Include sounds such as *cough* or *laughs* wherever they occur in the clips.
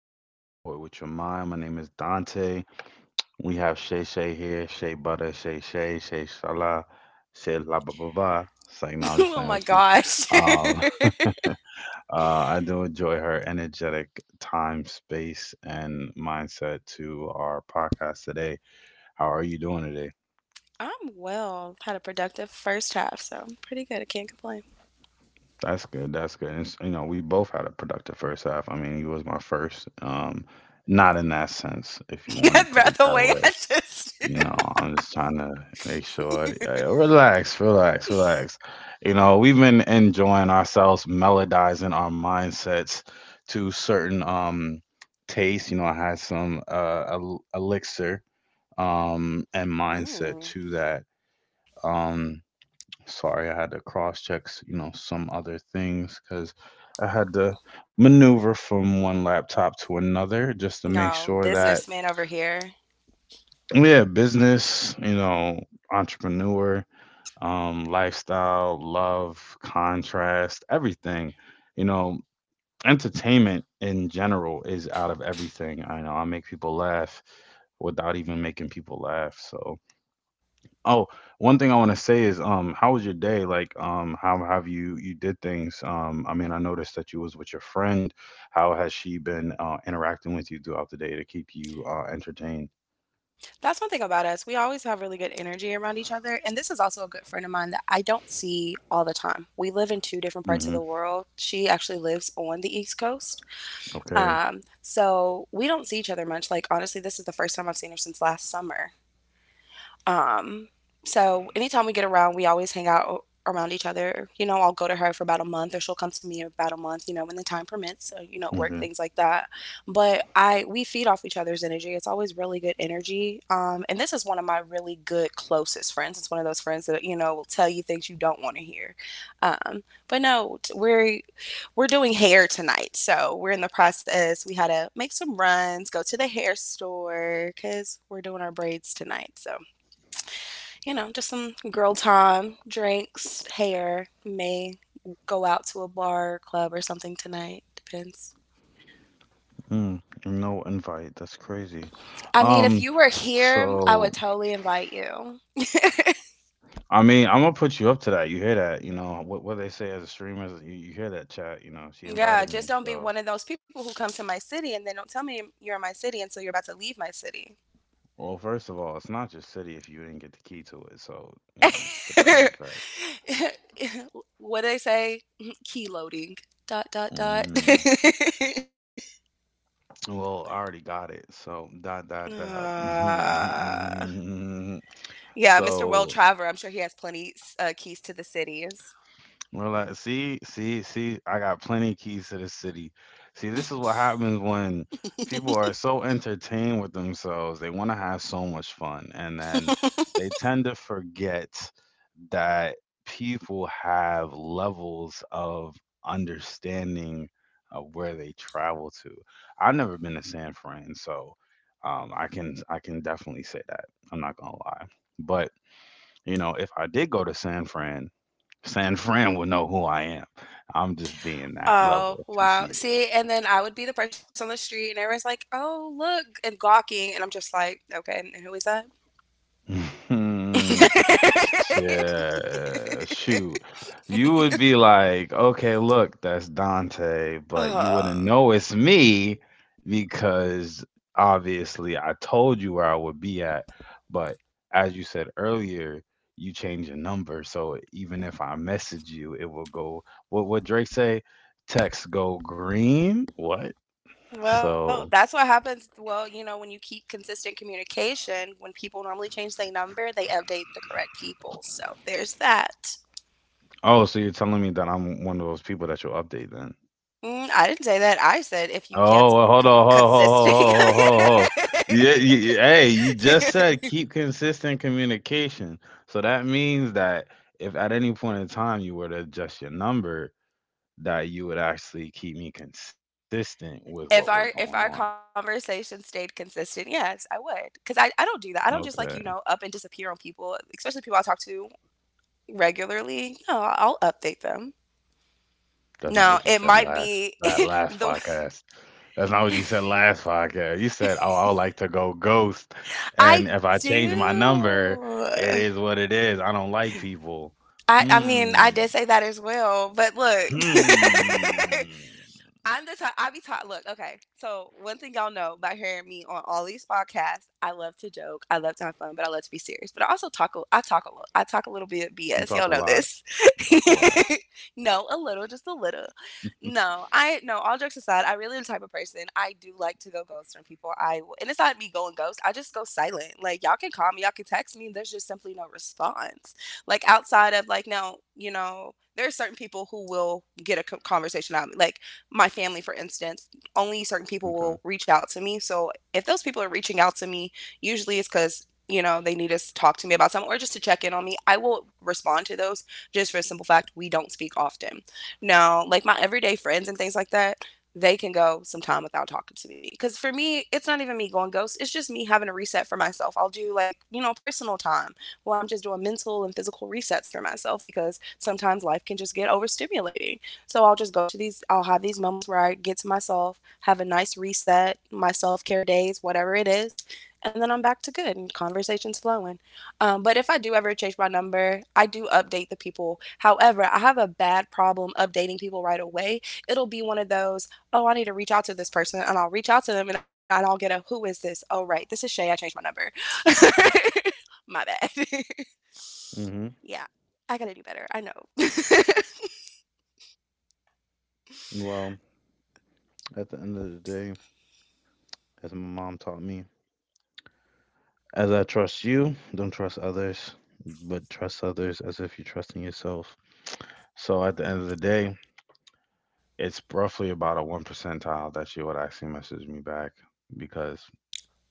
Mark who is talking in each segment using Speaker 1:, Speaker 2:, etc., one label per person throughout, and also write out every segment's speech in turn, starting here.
Speaker 1: allowing me to court with your mind. My name is Dante. We have Shay Shay here, Shay Butter, Shay Shay, Shay Shala, Shay La Ba Ba Ba. It's like, no,
Speaker 2: *laughs*
Speaker 1: I'm just
Speaker 2: Oh
Speaker 1: playing
Speaker 2: my
Speaker 1: with you.
Speaker 2: gosh.
Speaker 1: Um,
Speaker 2: *laughs*
Speaker 1: *laughs* I do enjoy her energetic time, space, and mindset to our podcast today. How are you doing today?
Speaker 2: I'm well. Had a productive first half, so I'm pretty good. I can't complain.
Speaker 1: That's good. That's good. You know, we both had a productive first half. I mean, you was my first. Not in that sense, if you
Speaker 2: *laughs*
Speaker 1: want to put it
Speaker 2: That's the
Speaker 1: that
Speaker 2: way
Speaker 1: way.
Speaker 2: I just.
Speaker 1: You
Speaker 2: *laughs*
Speaker 1: know, I'm just trying to make sure. Yeah, relax, relax, relax. You know, we've been enjoying ourselves, melodizing our mindsets to certain tastes. You know, I had some elixir and mindset
Speaker 2: Mm.
Speaker 1: to that. Um, Sorry, I had to cross check, you know, some other things because I had to maneuver from one laptop to another just to make
Speaker 2: Y'all,
Speaker 1: sure that
Speaker 2: businessman over here.
Speaker 1: yeah, business, you know, entrepreneur. Lifestyle, love, contrast, everything. You know, entertainment in general is out of everything. I know I make people laugh without even making people laugh. So, oh, one thing I want to say is, how was your day? Like, how have you did things? I mean, I noticed that you was with your friend. How has she been interacting with you throughout the day to keep you entertained?
Speaker 2: That's one thing about us. We always have really good energy around each other. And this is also a good friend of mine that I don't see all the time. We live in two different parts of
Speaker 1: Mm-hmm.
Speaker 2: the world. She actually lives on the East Coast.
Speaker 1: Okay.
Speaker 2: So we don't see each other much. Like, honestly, this is the first time I've seen her since last summer. Um, so anytime we get around, we always hang out around each other. You know, I'll go to her for about a month, or she'll come to me about a month. You know, when the time permits, you know, work
Speaker 1: Okay.
Speaker 2: things like that. But I We feed off each other's energy. It's always really good energy. And this is one of my really good closest friends. It's one of those friends that you know will tell you things you don't want to hear. But no, we're doing hair tonight, so we're in the process. We had to make some runs, go to the hair store because we're doing our braids tonight. So you know, just some girl time, drinks, hair. May go out to a bar, or club, or something tonight. Depends.
Speaker 1: Mm, no invite. That's crazy.
Speaker 2: I mean, if
Speaker 1: Um,
Speaker 2: you were here, I would
Speaker 1: so
Speaker 2: totally invite you.
Speaker 1: I mean, I'm gonna put you up to that. You hear that? You know what they say as a streamer? Is You, hear that chat? You know, she
Speaker 2: Yeah,
Speaker 1: invited
Speaker 2: just
Speaker 1: me.
Speaker 2: don't be
Speaker 1: So,
Speaker 2: one of those people who come to my city and then don't tell me you're in my city until you're about to leave my city.
Speaker 1: well, first of all, it's not your city if you didn't get the key to it. So, you know, put that in effect.
Speaker 2: *laughs* What do they say? *laughs* Key loading. Dot dot dot. *laughs*
Speaker 1: Mm, well, I already got it. So, dot dot dot.
Speaker 2: uh,
Speaker 1: *laughs*
Speaker 2: yeah, Mr. World
Speaker 1: So,
Speaker 2: Traveler. I'm sure he has plenty keys to the cities.
Speaker 1: well, like, see, I got plenty keys to the city. See, this is what happens when people are so entertained with themselves. They want to have so much fun, and then they tend to forget that people have levels of understanding of where they travel to. I've never been to San Fran, so I can definitely say that. I'm not gonna lie, but you know, if I did go to San Fran. San Fran will know who I am. I'm just being that level
Speaker 2: Oh,
Speaker 1: of
Speaker 2: wow.
Speaker 1: conceited.
Speaker 2: See, and then I would be the person on the street, and everyone's like, "Oh, look," and gawking, and I'm just like, "Okay, and who is that?"
Speaker 1: *laughs* Mhm.
Speaker 2: *laughs*
Speaker 1: Shoot. You would be like, okay, look, that's Dante, but you wouldn't
Speaker 2: Ugh.
Speaker 1: know it's me because obviously I told you where I would be at. But as you said earlier, you change your number. So even if I message you, it will go, what Drake say? Text go green? What?
Speaker 2: Well,
Speaker 1: So.
Speaker 2: that's what happens. Well, you know, when you keep consistent communication, when people normally change their number, they update the correct people. So there's that.
Speaker 1: Oh, so you're telling me that I'm one of those people that you'll update then?
Speaker 2: Mm, I didn't say that. I said if you
Speaker 1: Oh,
Speaker 2: kept
Speaker 1: well,
Speaker 2: consistent.
Speaker 1: hold on. Yeah, hey, you just
Speaker 2: *laughs*
Speaker 1: said keep consistent communication. So that means that if at any point in time you were to adjust your number, that you would actually keep me consistent with what was
Speaker 2: If
Speaker 1: going
Speaker 2: our
Speaker 1: on.
Speaker 2: if our conversation stayed consistent, yes, I would. Cause I don't do that. I don't just, like,
Speaker 1: Okay,
Speaker 2: you know, up and disappear on people, especially people I talk to regularly. No, I'll update them.
Speaker 1: that's not
Speaker 2: No,
Speaker 1: what you
Speaker 2: it
Speaker 1: said
Speaker 2: might
Speaker 1: last
Speaker 2: be
Speaker 1: that
Speaker 2: *laughs*
Speaker 1: last
Speaker 2: the
Speaker 1: podcast. That's not what you said last podcast. You said, "Oh, I would like to go ghost, and
Speaker 2: I
Speaker 1: if I change my number, it
Speaker 2: do.
Speaker 1: is what it is. I don't like people."
Speaker 2: I mean,
Speaker 1: Hmm.
Speaker 2: I did say that as well, but look. *laughs*
Speaker 1: Hmm.
Speaker 2: I'm the type I be taught. Look, okay. So one thing y'all know by hearing me on all these podcasts, I love to joke, I love to have fun, but I love to be serious. But I also talk. I talk a little. I talk a little bit of
Speaker 1: You
Speaker 2: BS.
Speaker 1: talk
Speaker 2: Y'all
Speaker 1: a
Speaker 2: know
Speaker 1: lot.
Speaker 2: this.
Speaker 1: You talk a lot.
Speaker 2: *laughs* No, a little, just a little.
Speaker 1: *laughs*
Speaker 2: No, I no. All jokes aside, I really am the type of person. I do like to go ghost on people. I And it's not me going ghost. I just go silent. Like y'all can call me, y'all can text me. And There's just simply no response. Like outside of like now, you know. There are certain people who will get a conversation out of me. Like my family, for instance, only certain people
Speaker 1: Okay.
Speaker 2: will reach out to me. So if those people are reaching out to me, usually it's because you know they need to talk to me about something or just to check in on me. I will respond to those just for the simple fact we don't speak often. Now, like my everyday friends and things like that. They can go some time without talking to me. Because for me, it's not even me going ghost. It's just me having a reset for myself. I'll do like, you know, personal time where I'm just doing mental and physical resets for myself because sometimes life can just get overstimulating. So I'll just go to these, I'll have these moments where I get to myself, have a nice reset, my self care days, whatever it is, and then I'm back to good and conversations flowing. But if I do ever change my number, I do update the people. However, I have a bad problem updating people right away. It'll be one of those, oh, I need to reach out to this person, and I'll reach out to them and I'll get a, who is this? Oh, right, this is Shay. I changed my number. *laughs* My bad.
Speaker 1: hmm
Speaker 2: *laughs* Yeah, I gotta do better. I know.
Speaker 1: Well, at the end of the day, as my mom taught me, as I trust you, don't trust others, but trust others as if you're trusting yourself. So at the end of the day, it's roughly about a one percentile that she would actually message me back because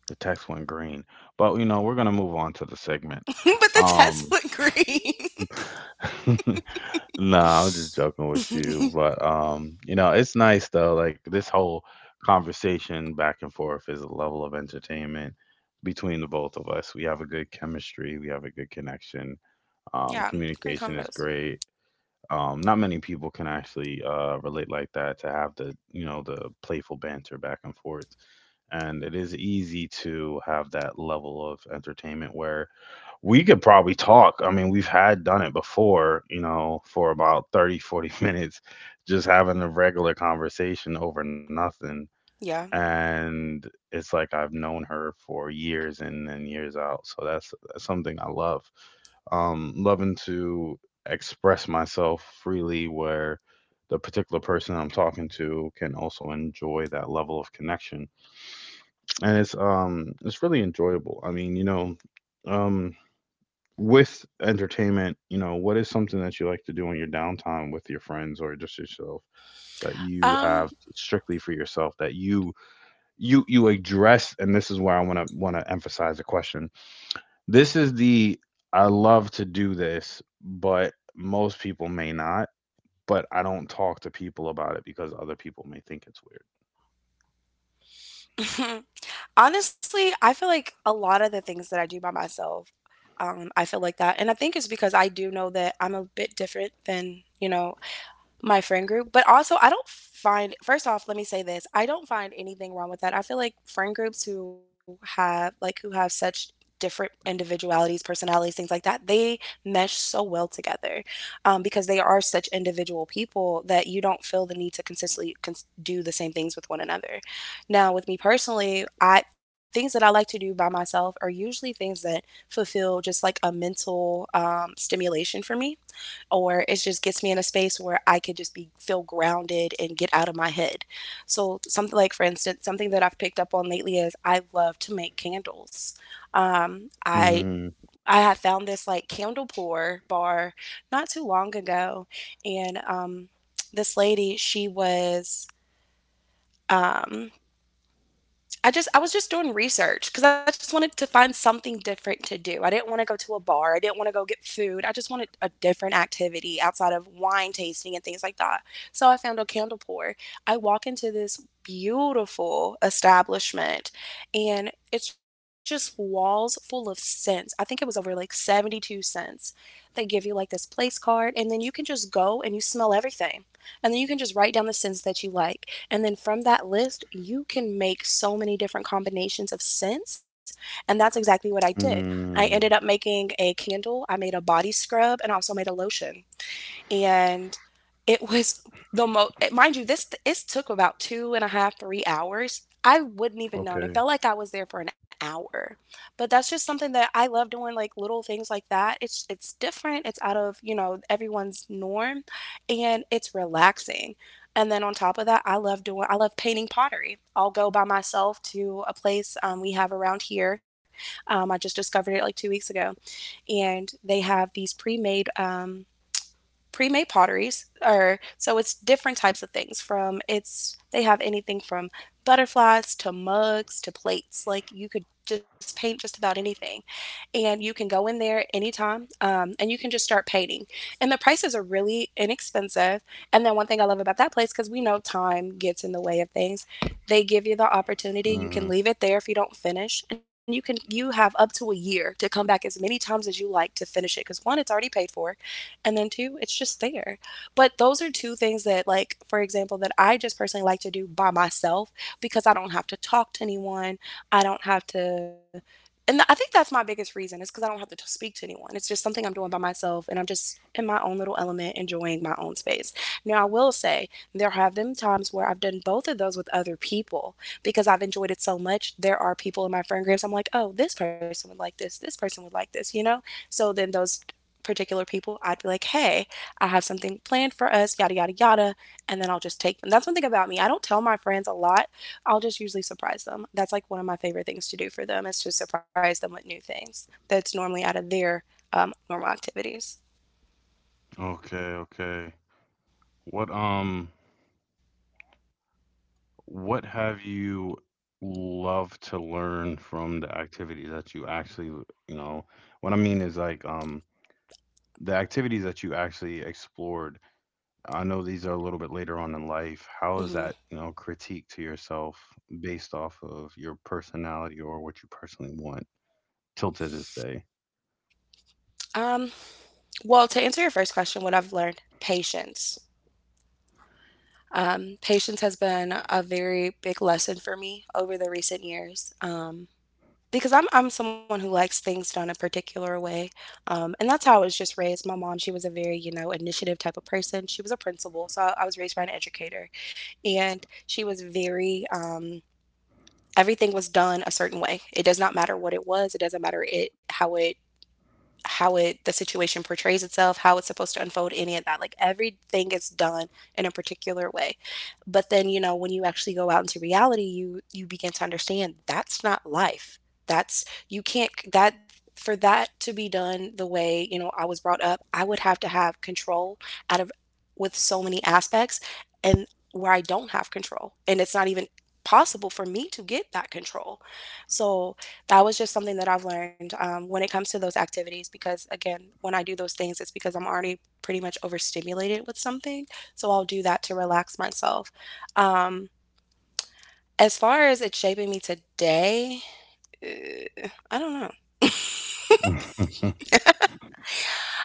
Speaker 1: the text went green. But you know, we're gonna move on to the segment.
Speaker 2: *laughs* But the
Speaker 1: Um,
Speaker 2: Tesla *laughs* green.
Speaker 1: *laughs* nah, I'm just joking with you. But you know, it's nice though. Like this whole conversation back and forth is a level of entertainment between the both of us. We have a good chemistry. We have a good connection.
Speaker 2: Yeah, great
Speaker 1: Communication is
Speaker 2: convos.
Speaker 1: great. Not many people can actually relate like that to have the you know the playful banter back and forth, and it is easy to have that level of entertainment where we could probably talk. I mean, we've had done it before, you know, for about 30, 40 *laughs* minutes just having a regular conversation over nothing,
Speaker 2: Yeah.
Speaker 1: and it's like I've known her for years in and years out. So that's something I love, loving to express myself freely where the particular person I'm talking to can also enjoy that level of connection. And it's really enjoyable. I mean, you know, um with entertainment, you know, what is something that you like to do in your downtime with your friends or just yourself that you
Speaker 2: Um
Speaker 1: have strictly for yourself that you address? And this is where I want to emphasize the question. This is the I love to do this, but most people may not. But I don't talk to people about it because other people may think it's
Speaker 2: *laughs* honestly, I feel like a lot of the things that I do by myself, I feel like that. And I think it's because I do know that I'm a bit different than, you know, my friend group. But also, I don't find, first off, let me say this. I don't find anything wrong with that. I feel like friend groups who have, like, who have such different individualities, personalities, things like that, they mesh so well together because they are such individual people that you don't feel the need to consistently do the same things with one another. Now, with me personally, I things that I like to do by myself are usually things that fulfill just like a mental stimulation for me or it just gets me in a space where I could just be feel grounded and get out of my head. So something like for instance, something that I've picked up on lately is I love to make candles. Um,
Speaker 1: weird.
Speaker 2: I
Speaker 1: Mm,
Speaker 2: I had found this like candle pour bar not too long ago, and this lady she was um I just I was just doing research because I just wanted to find something different to do. I didn't want to go to a bar. I didn't want to go get food. I just wanted a different activity outside of wine tasting and things like that. So I found a candle pour. I walk into this beautiful establishment and it's just walls full of scents. I think it was over like 72¢. They give you like this place card and then you can just go and you smell everything. And then you can just write down the scents that you like. And then from that list, you can make so many different combinations of scents. And that's exactly what I did. I ended up
Speaker 1: mm,
Speaker 2: making a candle, I made a body scrub, and also made a lotion and it was the most, mind you, this it took about two and a half three hours. I wouldn't even known
Speaker 1: okay.
Speaker 2: it felt like I was there for an hour. But that's just something that I love doing like little things like that. It's different, it's out of you know everyone's norm and it's relaxing. And then on top of that I love doing, I love painting pottery. I'll go by myself to a place we have around here. I just discovered it like 2 weeks ago and they have these pre-made pre-made potteries or so. It's different types of things from it's they have anything from butterflies to mugs to plates. Like you could just paint just about anything and you can go in there anytime, and you can just start painting. And the prices are really inexpensive. And then one thing I love about that place, because we know time gets in the way of things, they give you the opportunity.
Speaker 1: Mhm.
Speaker 2: You can leave it there if you don't finish, and you have up to a year to come back as many times as you like to finish it. Because one, it's already paid for, and then two, it's just there. But those are two things that, like for example, that I just personally like to do by myself because I don't have to talk to anyone. I don't have to I think that's my biggest reason is because I don't have to speak to anyone. It's just something I'm doing by myself, and I'm just in my own little element, enjoying my own space. Now, I will say there have been times where I've done both of those with other people because I've enjoyed it so much. There are people in my friend groups. I'm like, oh, this person would like this. This person would like this. You know. So then those particular people, I'd be like, hey, I have something planned for us, yada, yada, yada. And then I'll just take them. That's one thing about me. I don't tell my friends a lot. I'll just usually surprise them. That's like one of my favorite things to do for them is to surprise them with new things that's normally out of their normal activities.
Speaker 1: Okay, okay. What um what have you loved to learn from the activities that you actually, you know, what I mean is like the activities that you actually explored. I know these are a little bit later on in life. How is that,
Speaker 2: Hmm.
Speaker 1: you know, critique to yourself based off of your personality or what you personally want till to this day?
Speaker 2: Um, well, to answer your first question, what I've learned patience. Patience has been a very big lesson for me over the recent years. Because I'm someone who likes things done a particular way, and that's how I was just raised. My mom, she was a very initiative type of person. She was a principal, so I was raised by an educator, and she was very, everything was done a certain way. It does not matter what it was. It doesn't matter it how it the situation portrays itself, how it's supposed to unfold, any of that. Like everything is done in a particular way. But then when you actually go out into reality, you begin to understand that's not life. That's you can't that for that to be done the way I was brought up, I would have to have control out of with so many aspects and where I don't have control. And it's not even possible for me to get that control. So that was just something that I've learned when it comes to those activities. Because again, when I do those things, it's because I'm already pretty much overstimulated with something. So I'll do that to relax myself. Um, as far as it shaping me today, I don't know.
Speaker 1: *laughs*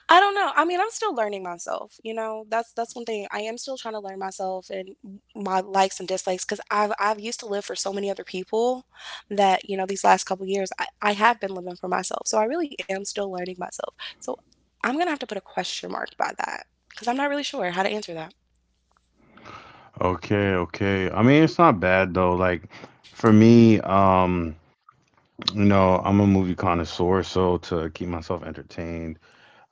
Speaker 2: I don't know. I mean, I'm still learning myself. That's one thing. I am still trying to learn myself and my likes and dislikes because I've used to live for so many other people that these last couple years I have been living for myself. So I really am still learning myself. So I'm gonna have to put a question mark by that because I'm not really sure how to answer that.
Speaker 1: Okay, okay. I mean, it's not bad though. Like for me, you know, I'm a movie connoisseur, so to keep myself entertained,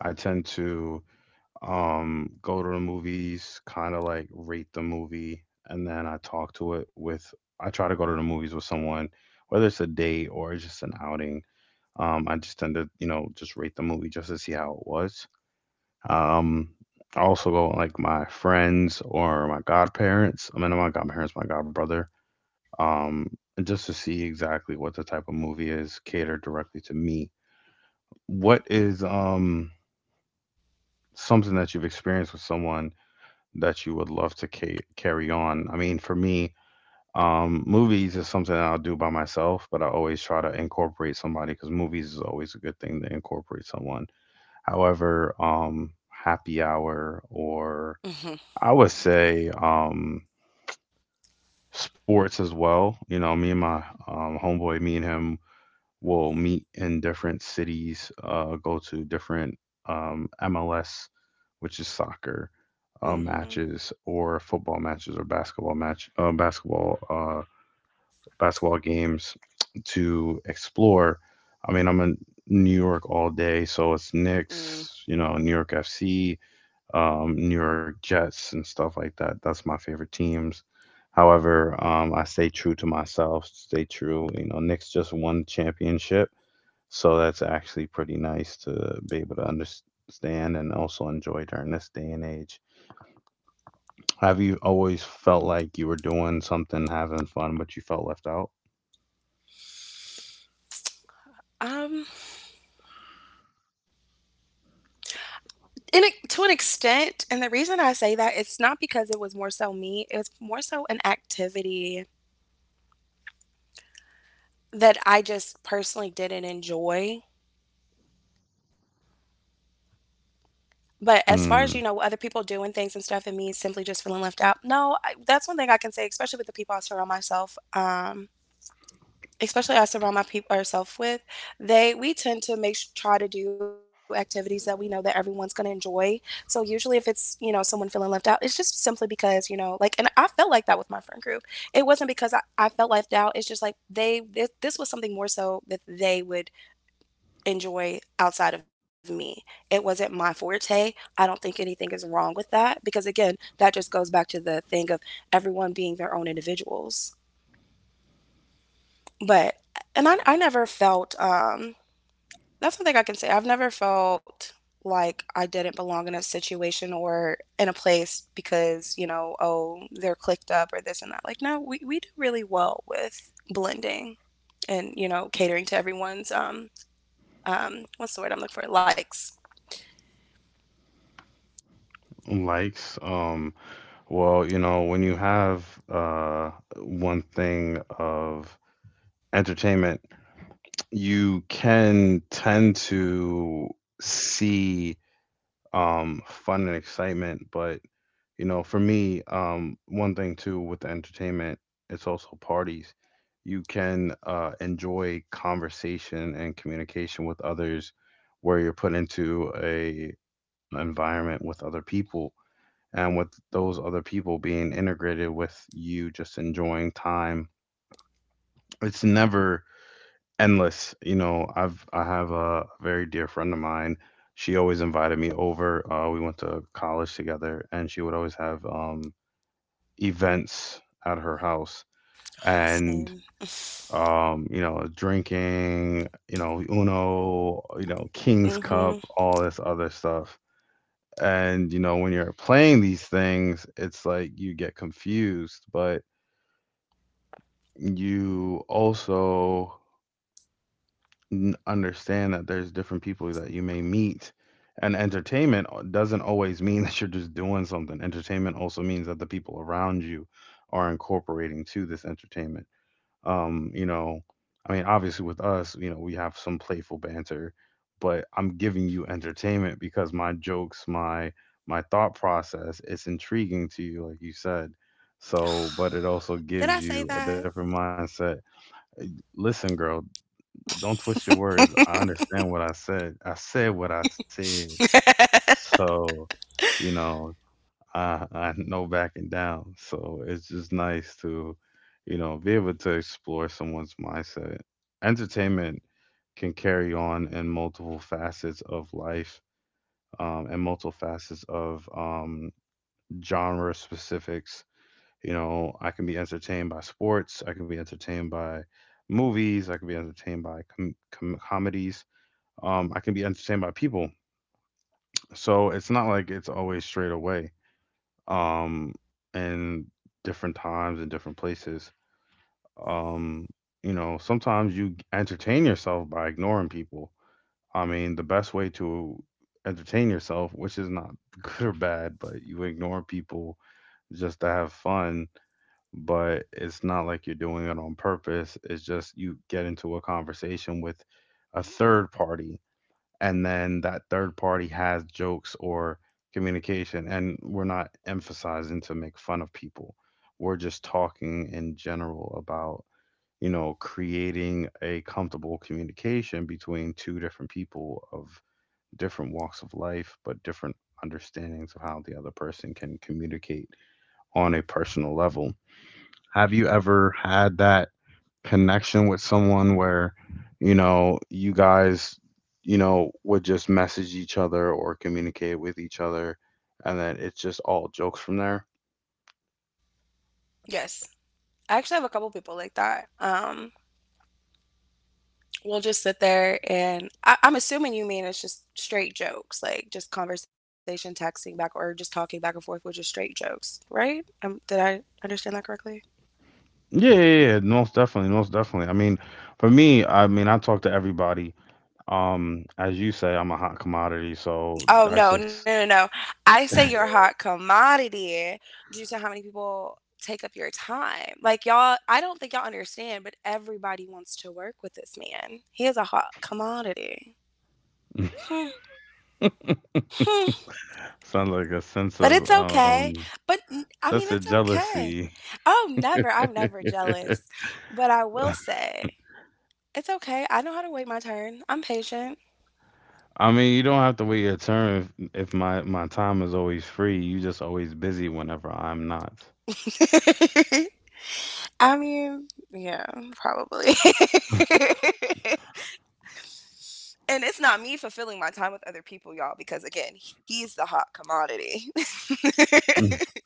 Speaker 1: I tend to go to the movies, kind of like rate the movie, and then I talk to it with. I try to go to the movies with someone, whether it's a date or it's just an outing. I just tend to, you know, just rate the movie just to see how it was. Um, I also go with, like my friends or my godparents. I mean, not my godparents, my godbrother. Um, and just to see exactly what the type of movie is catered directly to me. What is something that you've experienced with someone that you would love to carry on? I mean, for me, movies is something that I'll do by myself, but I always try to incorporate somebody because movies is always a good thing to incorporate someone. However, happy hour or
Speaker 2: Hmm.
Speaker 1: I would say sports as well. You know, me and my homeboy, me and him, will meet in different cities, go to different MLS, which is soccer
Speaker 2: Hmm.
Speaker 1: matches, or football matches, or basketball match, basketball basketball games to explore. I mean, I'm in New York all day, so it's
Speaker 2: Mm.
Speaker 1: Knicks, you know, New York FC, New York Jets, and stuff like that. That's my favorite teams. However, I stay true to myself, stay true. You know, Knicks just won championship. So that's actually pretty nice to be able to understand and also enjoy during this day and age. Have you always felt like you were doing something, having fun, but you felt left out?
Speaker 2: Um, in a, to an extent, and the reason I say that it's not because it was more so me. It was more so an activity that I just personally didn't enjoy, but as far as
Speaker 1: Mm,
Speaker 2: other people doing things and stuff and me simply just feeling left out, no, I that's one thing I can say, especially with the people I surround myself, especially I surround my people, or with, they we tend to make s try to do activities that we know that everyone's gonna enjoy, so usually if it's someone feeling left out, it's just simply because like and I felt like that with my friend group. It wasn't because I felt left out, it's just like they this this was something more so that they would enjoy outside of me. It wasn't my forte. I don't think anything is wrong with that because, again, that just goes back to the thing of everyone being their own individuals. But, and I never felt, that's something I can say. I've never felt like I didn't belong in a situation or in a place because oh, they're clicked up or this and that. Like, no, we do really well with blending and catering to everyone's, what's the word I'm looking for? Likes.
Speaker 1: likes. Well, you know, when you have uh one thing of entertainment, you can tend to see fun and excitement, but you know, for me, one thing too with the entertainment, it's also parties. You can enjoy conversation and communication with others where you're put into a an environment with other people, and with those other people being integrated with you just enjoying time. It's never endless. You know, I have a very dear friend of mine. She always invited me over. We went to college together, and she would always have events at her house, and
Speaker 2: Same. *laughs*
Speaker 1: you know drinking, you know uno, you know king's cup,
Speaker 2: Mhm.
Speaker 1: all this other stuff. And you know when you're playing these things, it's like you get confused, but you also understand that there's different people that you may meet, and entertainment doesn't always mean *laughs* that you're just doing something. Entertainment also means that the people around you are incorporating to this entertainment. You know, I mean, obviously with us, you know, we have some playful banter, but I'm giving you entertainment because my jokes, my thought process, it's intriguing to you, like you said. So, but it also
Speaker 2: Did
Speaker 1: gives
Speaker 2: I say
Speaker 1: you a
Speaker 2: that?
Speaker 1: different mindset. Listen, girl, don't twist your words. I understand what I said. I said what I said. So, you know, I *laughs* I no backing down. So it's just nice to, you know, be able to explore someone's mindset. Entertainment can carry on in multiple facets of life, and multiple facets of genre specifics. You know, I can be entertained by sports. I can be entertained by movies. I can be entertained by comedies. I can be entertained by people. So it's not like it's always straight away. um, in different times and different places. Um, Sometimes you entertain yourself by ignoring people. I mean, the best way to entertain yourself, which is not *laughs* good or bad, but you ignore people just to have fun, but it's not like you're doing it on purpose. It's just you get into a conversation with a third party, and then that third party has jokes or communication, and we're not emphasizing to make fun of people, we're just talking in general about creating a comfortable communication between two different people of different walks of life, but different understandings of how the other person can communicate on a personal level. Have you ever had that connection with someone where you guys, would just message each other or communicate with each other, and then it's just all jokes from there?
Speaker 2: Yes. I actually have a couple people like that. We'll just sit there and I'm assuming you mean it's just straight jokes, like just conversation, texting back, or just talking back and forth with just straight jokes, right? Did I understand that correctly?
Speaker 1: Yeah, yeah, yeah, most definitely, most definitely. I mean, for me, I mean, I talk to everybody. As you say, I'm a hot commodity, so that's
Speaker 2: Oh no,
Speaker 1: just
Speaker 2: no, no, no. I say you're a hot commodity due to how many people take up your time. Like y'all, I don't think y'all understand, but everybody wants to work with this man. He is a hot commodity. *laughs*
Speaker 1: *laughs*
Speaker 2: Hmm.
Speaker 1: sounds like a
Speaker 2: But it's okay. But n I
Speaker 1: sense
Speaker 2: mean,
Speaker 1: of
Speaker 2: it's okay.
Speaker 1: jealousy.
Speaker 2: Oh, never. I'm never jealous.
Speaker 1: *laughs*
Speaker 2: But I will say, it's okay. I know how to wait my turn. I'm patient.
Speaker 1: I mean, you don't have to wait your turn if my time is always free. You just always busy whenever I'm not.
Speaker 2: *laughs* I mean, yeah, probably. *laughs* And it's not me fulfilling my time with other people, y'all, because again, he's the hot commodity.
Speaker 1: *laughs*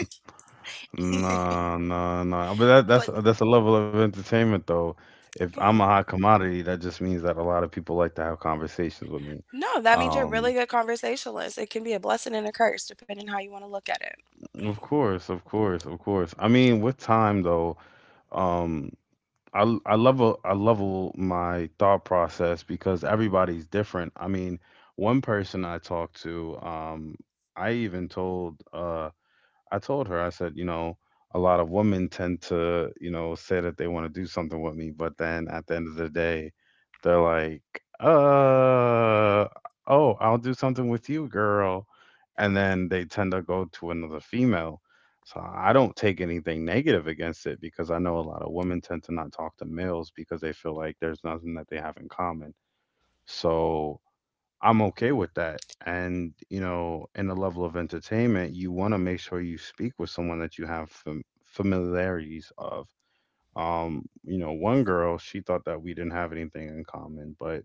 Speaker 1: No, no, no. *laughs* But that that's
Speaker 2: *laughs* But
Speaker 1: that's a level of entertainment though. If I'm a
Speaker 2: yeah.
Speaker 1: hot commodity, that just means that a lot of people like to have conversations with me.
Speaker 2: No, that means you're a really
Speaker 1: Um,
Speaker 2: good conversationalist. It can be a blessing and a curse depending how you wanna look at it.
Speaker 1: of course, of course, of course. I mean, with time though, um, I I I level my thought process because everybody's different. I mean, one person I talked to, I even told I told her, I said, you know, a lot of women tend to, you know, say that they want to do something with me, but then at the end of the day, they're like, uh, oh, I'll do something with you, girl. And then they tend to go to another female. So I don't take anything negative against it because I know a lot of women tend to not talk to males because they feel like there's nothing that they have in common. So I'm okay with that. And, you know, in the level of entertainment, you want to make sure you speak with someone that you have familiarities of. You know, one girl, she thought that we didn't have anything in common, but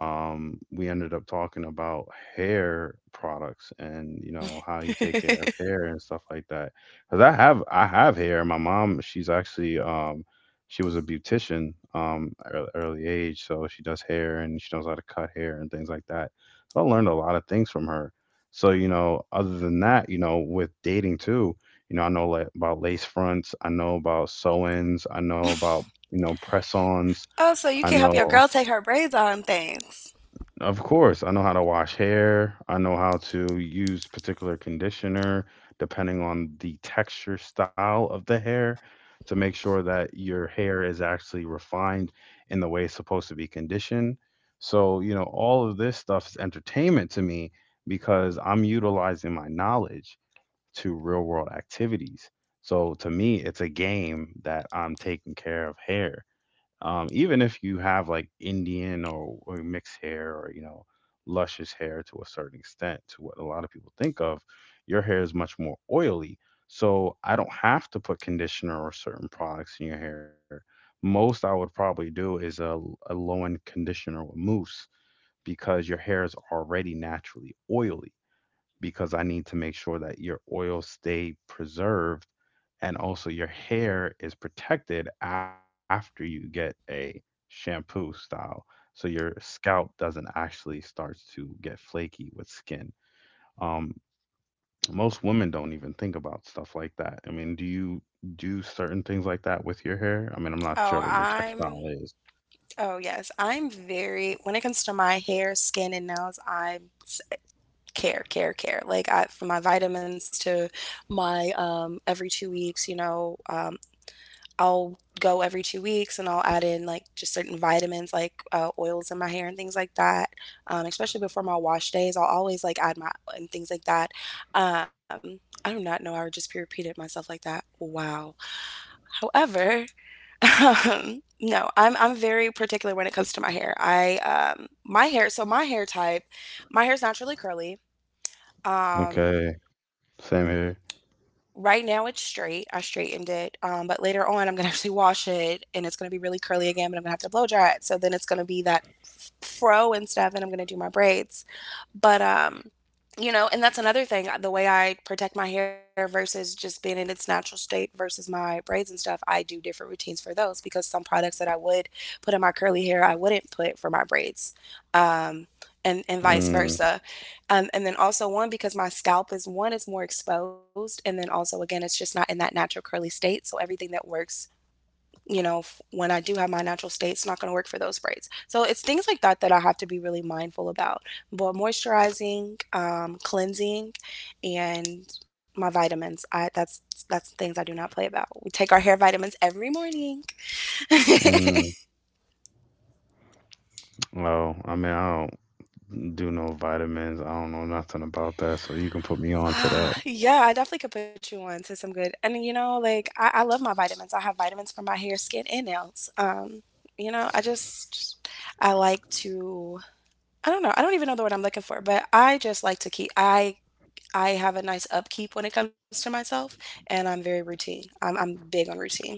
Speaker 1: we ended up talking about hair products, and you know how you take care of hair and stuff like that. Because I have hair. My mom, she's actually she was a beautician early, early age, so she does hair and she knows how to cut hair and things like that. So I learned a lot of things from her. So you know, other than that, you know, with dating too, you know, I know like, about lace fronts, I know about sew-ins, I know about press-ons,
Speaker 2: Oh, so you
Speaker 1: I
Speaker 2: can help your
Speaker 1: know.
Speaker 2: girl take her braids on and things.
Speaker 1: Of course, I know how to wash hair. I know how to use particular conditioner depending on the texture style of the hair to make sure that your hair is actually refined in the way it's supposed to be conditioned. So, you know, all of this stuff is entertainment to me because I'm utilizing my knowledge to real world activities. So, to me, it's a game that I'm taking care of hair. Even if you have like Indian or mixed hair, or, you know, luscious hair to a certain extent to what a lot of people think of, your hair is much more oily. So I don't have to put conditioner or certain products in your hair. Most I would probably do is a low end conditioner with mousse because your hair is already naturally oily, because I need to make sure that your oils stay preserved and also your hair is protected after you get a shampoo style so your scalp doesn't actually start to get flaky with skin. Um, Most women don't even think about stuff like that. I mean, do you do certain things like that with your hair? I mean, I'm not sure what
Speaker 2: Oh,
Speaker 1: your textile
Speaker 2: I'm.
Speaker 1: is.
Speaker 2: Oh, yes. I'm very. When it comes to my hair, skin, and nails, I care, care, care. Like, from my vitamins to my every 2 weeks, I'll go every 2 weeks and I'll add in like just certain vitamins, like oils in my hair and things like that. Especially before my wash days, I'll always like add my and things like that. I do not know. I just repeated myself like that. Wow. However, *laughs* No, I'm very particular when it comes to my hair. I my hair, so my hair type, my hair's naturally curly. Um
Speaker 1: Okay, same here.
Speaker 2: Right now it's straight, I straightened it, but later on I'm gonna *laughs* actually wash it and it's gonna be really curly again, but I'm gonna have to blow dry it, so then it's gonna be that f fro and stuff, and I'm gonna do my braids. But, um, and that's another thing, the way I protect my hair versus just being in its natural state versus my braids and stuff, I do different routines for those because some products that I would put in my curly hair, I wouldn't put for my braids, um, and vice
Speaker 1: Mm,
Speaker 2: versa. And then also one because my scalp is one is more exposed, and then also again it's just not in that natural curly state. So everything that works, you know, when I do have my natural state, it's not going to work for those braids. So it's things like that that I have to be really mindful about. But moisturizing, cleansing, and my vitamins. I that's things I do not play about. We take our hair vitamins every morning.
Speaker 1: mm. Oh, I mean, I don't do no vitamins. I don't know nothing about that, so you can put me
Speaker 2: *sighs*
Speaker 1: on to that.
Speaker 2: Ah, yeah, I definitely could put you on to some good. And, like I love my vitamins. I have vitamins for my hair, skin, and nails. I just I like to I don't know. I don't even know the word I'm looking for, but I just like to keep. I have a nice upkeep when it comes to myself, and I'm very routine. I'm big on routine.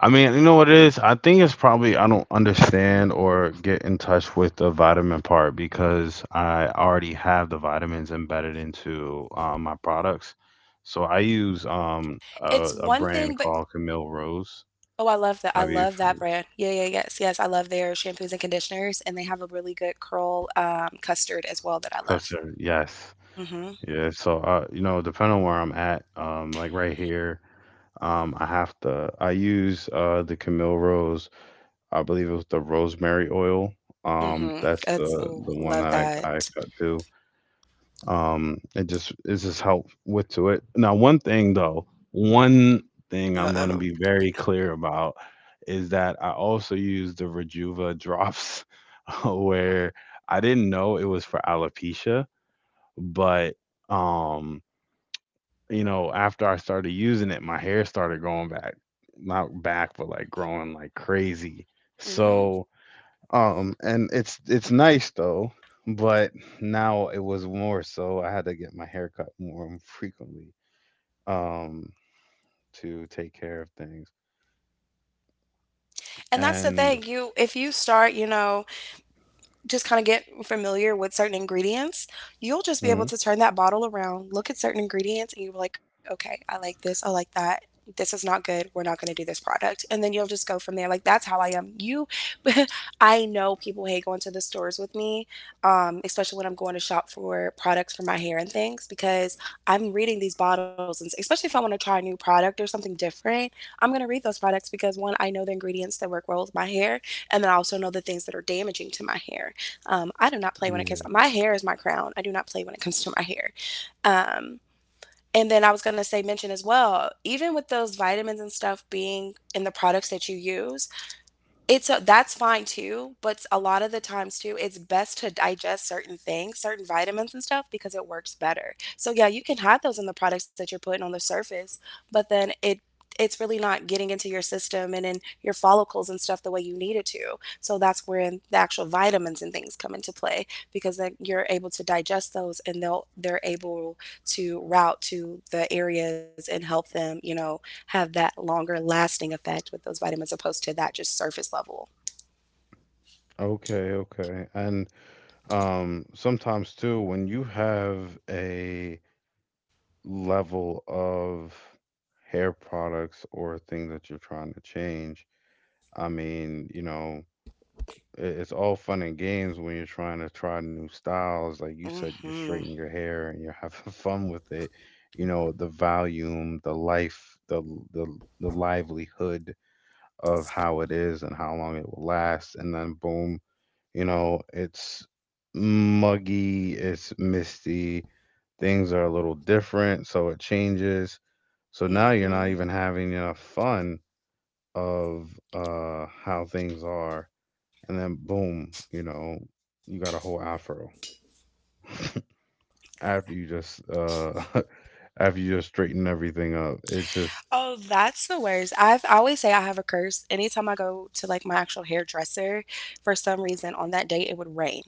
Speaker 1: I mean, you know what it is? I think it's probably I don't understand or get in touch with the vitamin part because I already have the vitamins embedded into my products. So I use
Speaker 2: It's
Speaker 1: a
Speaker 2: one
Speaker 1: brand
Speaker 2: thing, but
Speaker 1: called Camille Rose.
Speaker 2: oh, I love that. I
Speaker 1: Have you?
Speaker 2: love that brand. Yeah, yeah, yes, yes. I love their shampoos and conditioners, and they have a really good curl custard as well that I
Speaker 1: Because
Speaker 2: love.
Speaker 1: they're- yes,
Speaker 2: Hmm.
Speaker 1: yeah. So you know, depending on where I'm at, like right here. I have to. I use the Camille Rose, I believe it was the rosemary oil.
Speaker 2: Mhm.
Speaker 1: That's
Speaker 2: That's oh,
Speaker 1: the one
Speaker 2: love
Speaker 1: that I
Speaker 2: that.
Speaker 1: cut to. It just it just helped with to it. Now, one thing though, one thing I'm gonna
Speaker 2: Uh-oh.
Speaker 1: be very clear about is that I also use the Rejuva drops *laughs* where I didn't know it was for alopecia, but um, you know, after I started using it, my hair started growing back, not back, but like growing like crazy.
Speaker 2: Mhm.
Speaker 1: So and it's nice though, but now it was more so I had to get my hair cut more frequently, um, to take care of things.
Speaker 2: And that's the
Speaker 1: And
Speaker 2: thing, you if you start, you know just kind of get familiar with certain ingredients, you'll just be able
Speaker 1: mhm,
Speaker 2: to turn that bottle around, look at certain ingredients, and you'll be like, okay, I like this, I like that. This is not good. We're not going to do this product. And then you'll just go from there. Like, that's how I am. *laughs* I know people hate going to the stores with me, especially when I'm going to shop for products for my hair and things, because I'm reading these bottles. And especially if I want to try a new product or something different, I'm going to read those products because one, I know the ingredients that work well with my hair. And then I also know the things that are damaging to my hair. I do not play when it
Speaker 1: yeah.
Speaker 2: comes. My hair is my crown. I do not play when it comes to my hair. Um, and then I was going to say, mention as well, even with those vitamins and stuff being in the products that you use, it's a that's fine too, but a lot of the times too, it's best to digest certain things, certain vitamins and stuff because it works better. So yeah, you can have those in the products that you're putting on the surface, but then it's really not getting into your system and in your follicles and stuff the way you need it to. So that's where the actual vitamins and things come into play because then you're able to digest those and they're able to route to the areas and help them have that longer lasting effect with those vitamins opposed to that just surface level.
Speaker 1: Okay, okay. And sometimes too when you have a level of hair products or a thing that you're trying to change, I mean, you know, it's all fun and games when you're trying to try new styles. Like you said, you're
Speaker 2: Mm-hmm.
Speaker 1: straightening your hair and you're having *laughs* fun with it. You know, the volume, the life, the the livelihood of how it is and how long it will last. And then boom, you know, it's muggy, it's misty, things are a little different, so it changes. So now you're
Speaker 2: Mm-hmm.
Speaker 1: not even having enough fun of how things are, and then boom, you know, you got a whole afro after you just *laughs* after you just straighten everything up. It's just
Speaker 2: Oh, that's the worst. I always say I have a curse. Anytime I go to like my actual hairdresser, for some reason on that day it would rain.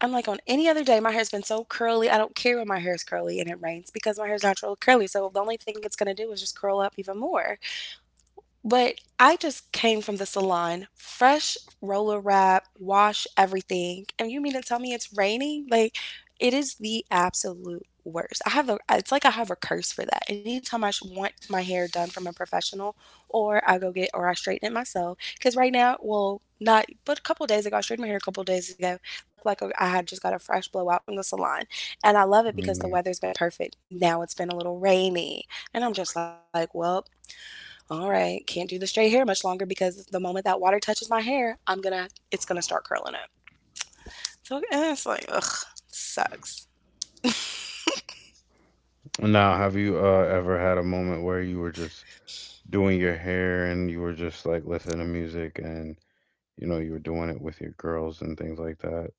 Speaker 2: I'm like on any other day my hair's been so curly. I don't care when my hair's curly and it rains because my hair's natural curly. So the only thing it's gonna do is just curl up even more. But I just came from the salon, fresh roller wrap, wash everything. And you mean to tell me it's raining? Like, it is the absolute worst. I have a, it's like I have a curse for that. Anytime I want my hair done from a professional, or I go get, or I straighten it myself. Because right now, well, not, but a couple days ago, I straightened my hair a couple days ago. Looked like I had just got a fresh blowout from the salon. And I love it because the
Speaker 1: mm.
Speaker 2: weather's been perfect. Now it's been a little rainy. And I'm just like, well, all right, can't do the straight hair much longer because the moment that water touches my hair, I'm gonna, it's gonna start curling up. So it's like, ugh, sucks.
Speaker 1: Now, have you ever had a moment where you were just doing your hair and you were just like listening to music and you know you were doing it with your girls and things like that?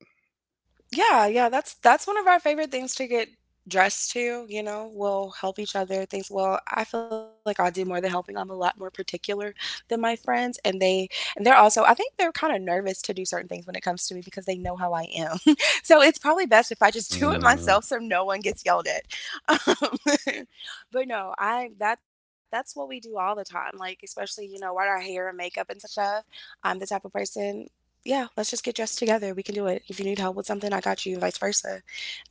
Speaker 2: Yeah, yeah, that's one of our favorite things to get dressed to. We'll help each other things. Well, I feel like I do more than helping. I'm a lot more particular than my friends, and they and they're also I think they're kind of nervous to do certain things when it comes to me because they know how I am. *laughs* So it's probably best if I just *laughs* do it
Speaker 1: Mm,
Speaker 2: myself so no one gets yelled at. Um, *laughs* but no, I that that's what we do all the time. Like especially, you know, wear our hair and makeup and stuff. I'm the type of person, yeah, let's just get dressed together. We can do it. If you need help with something, I got you, and vice versa.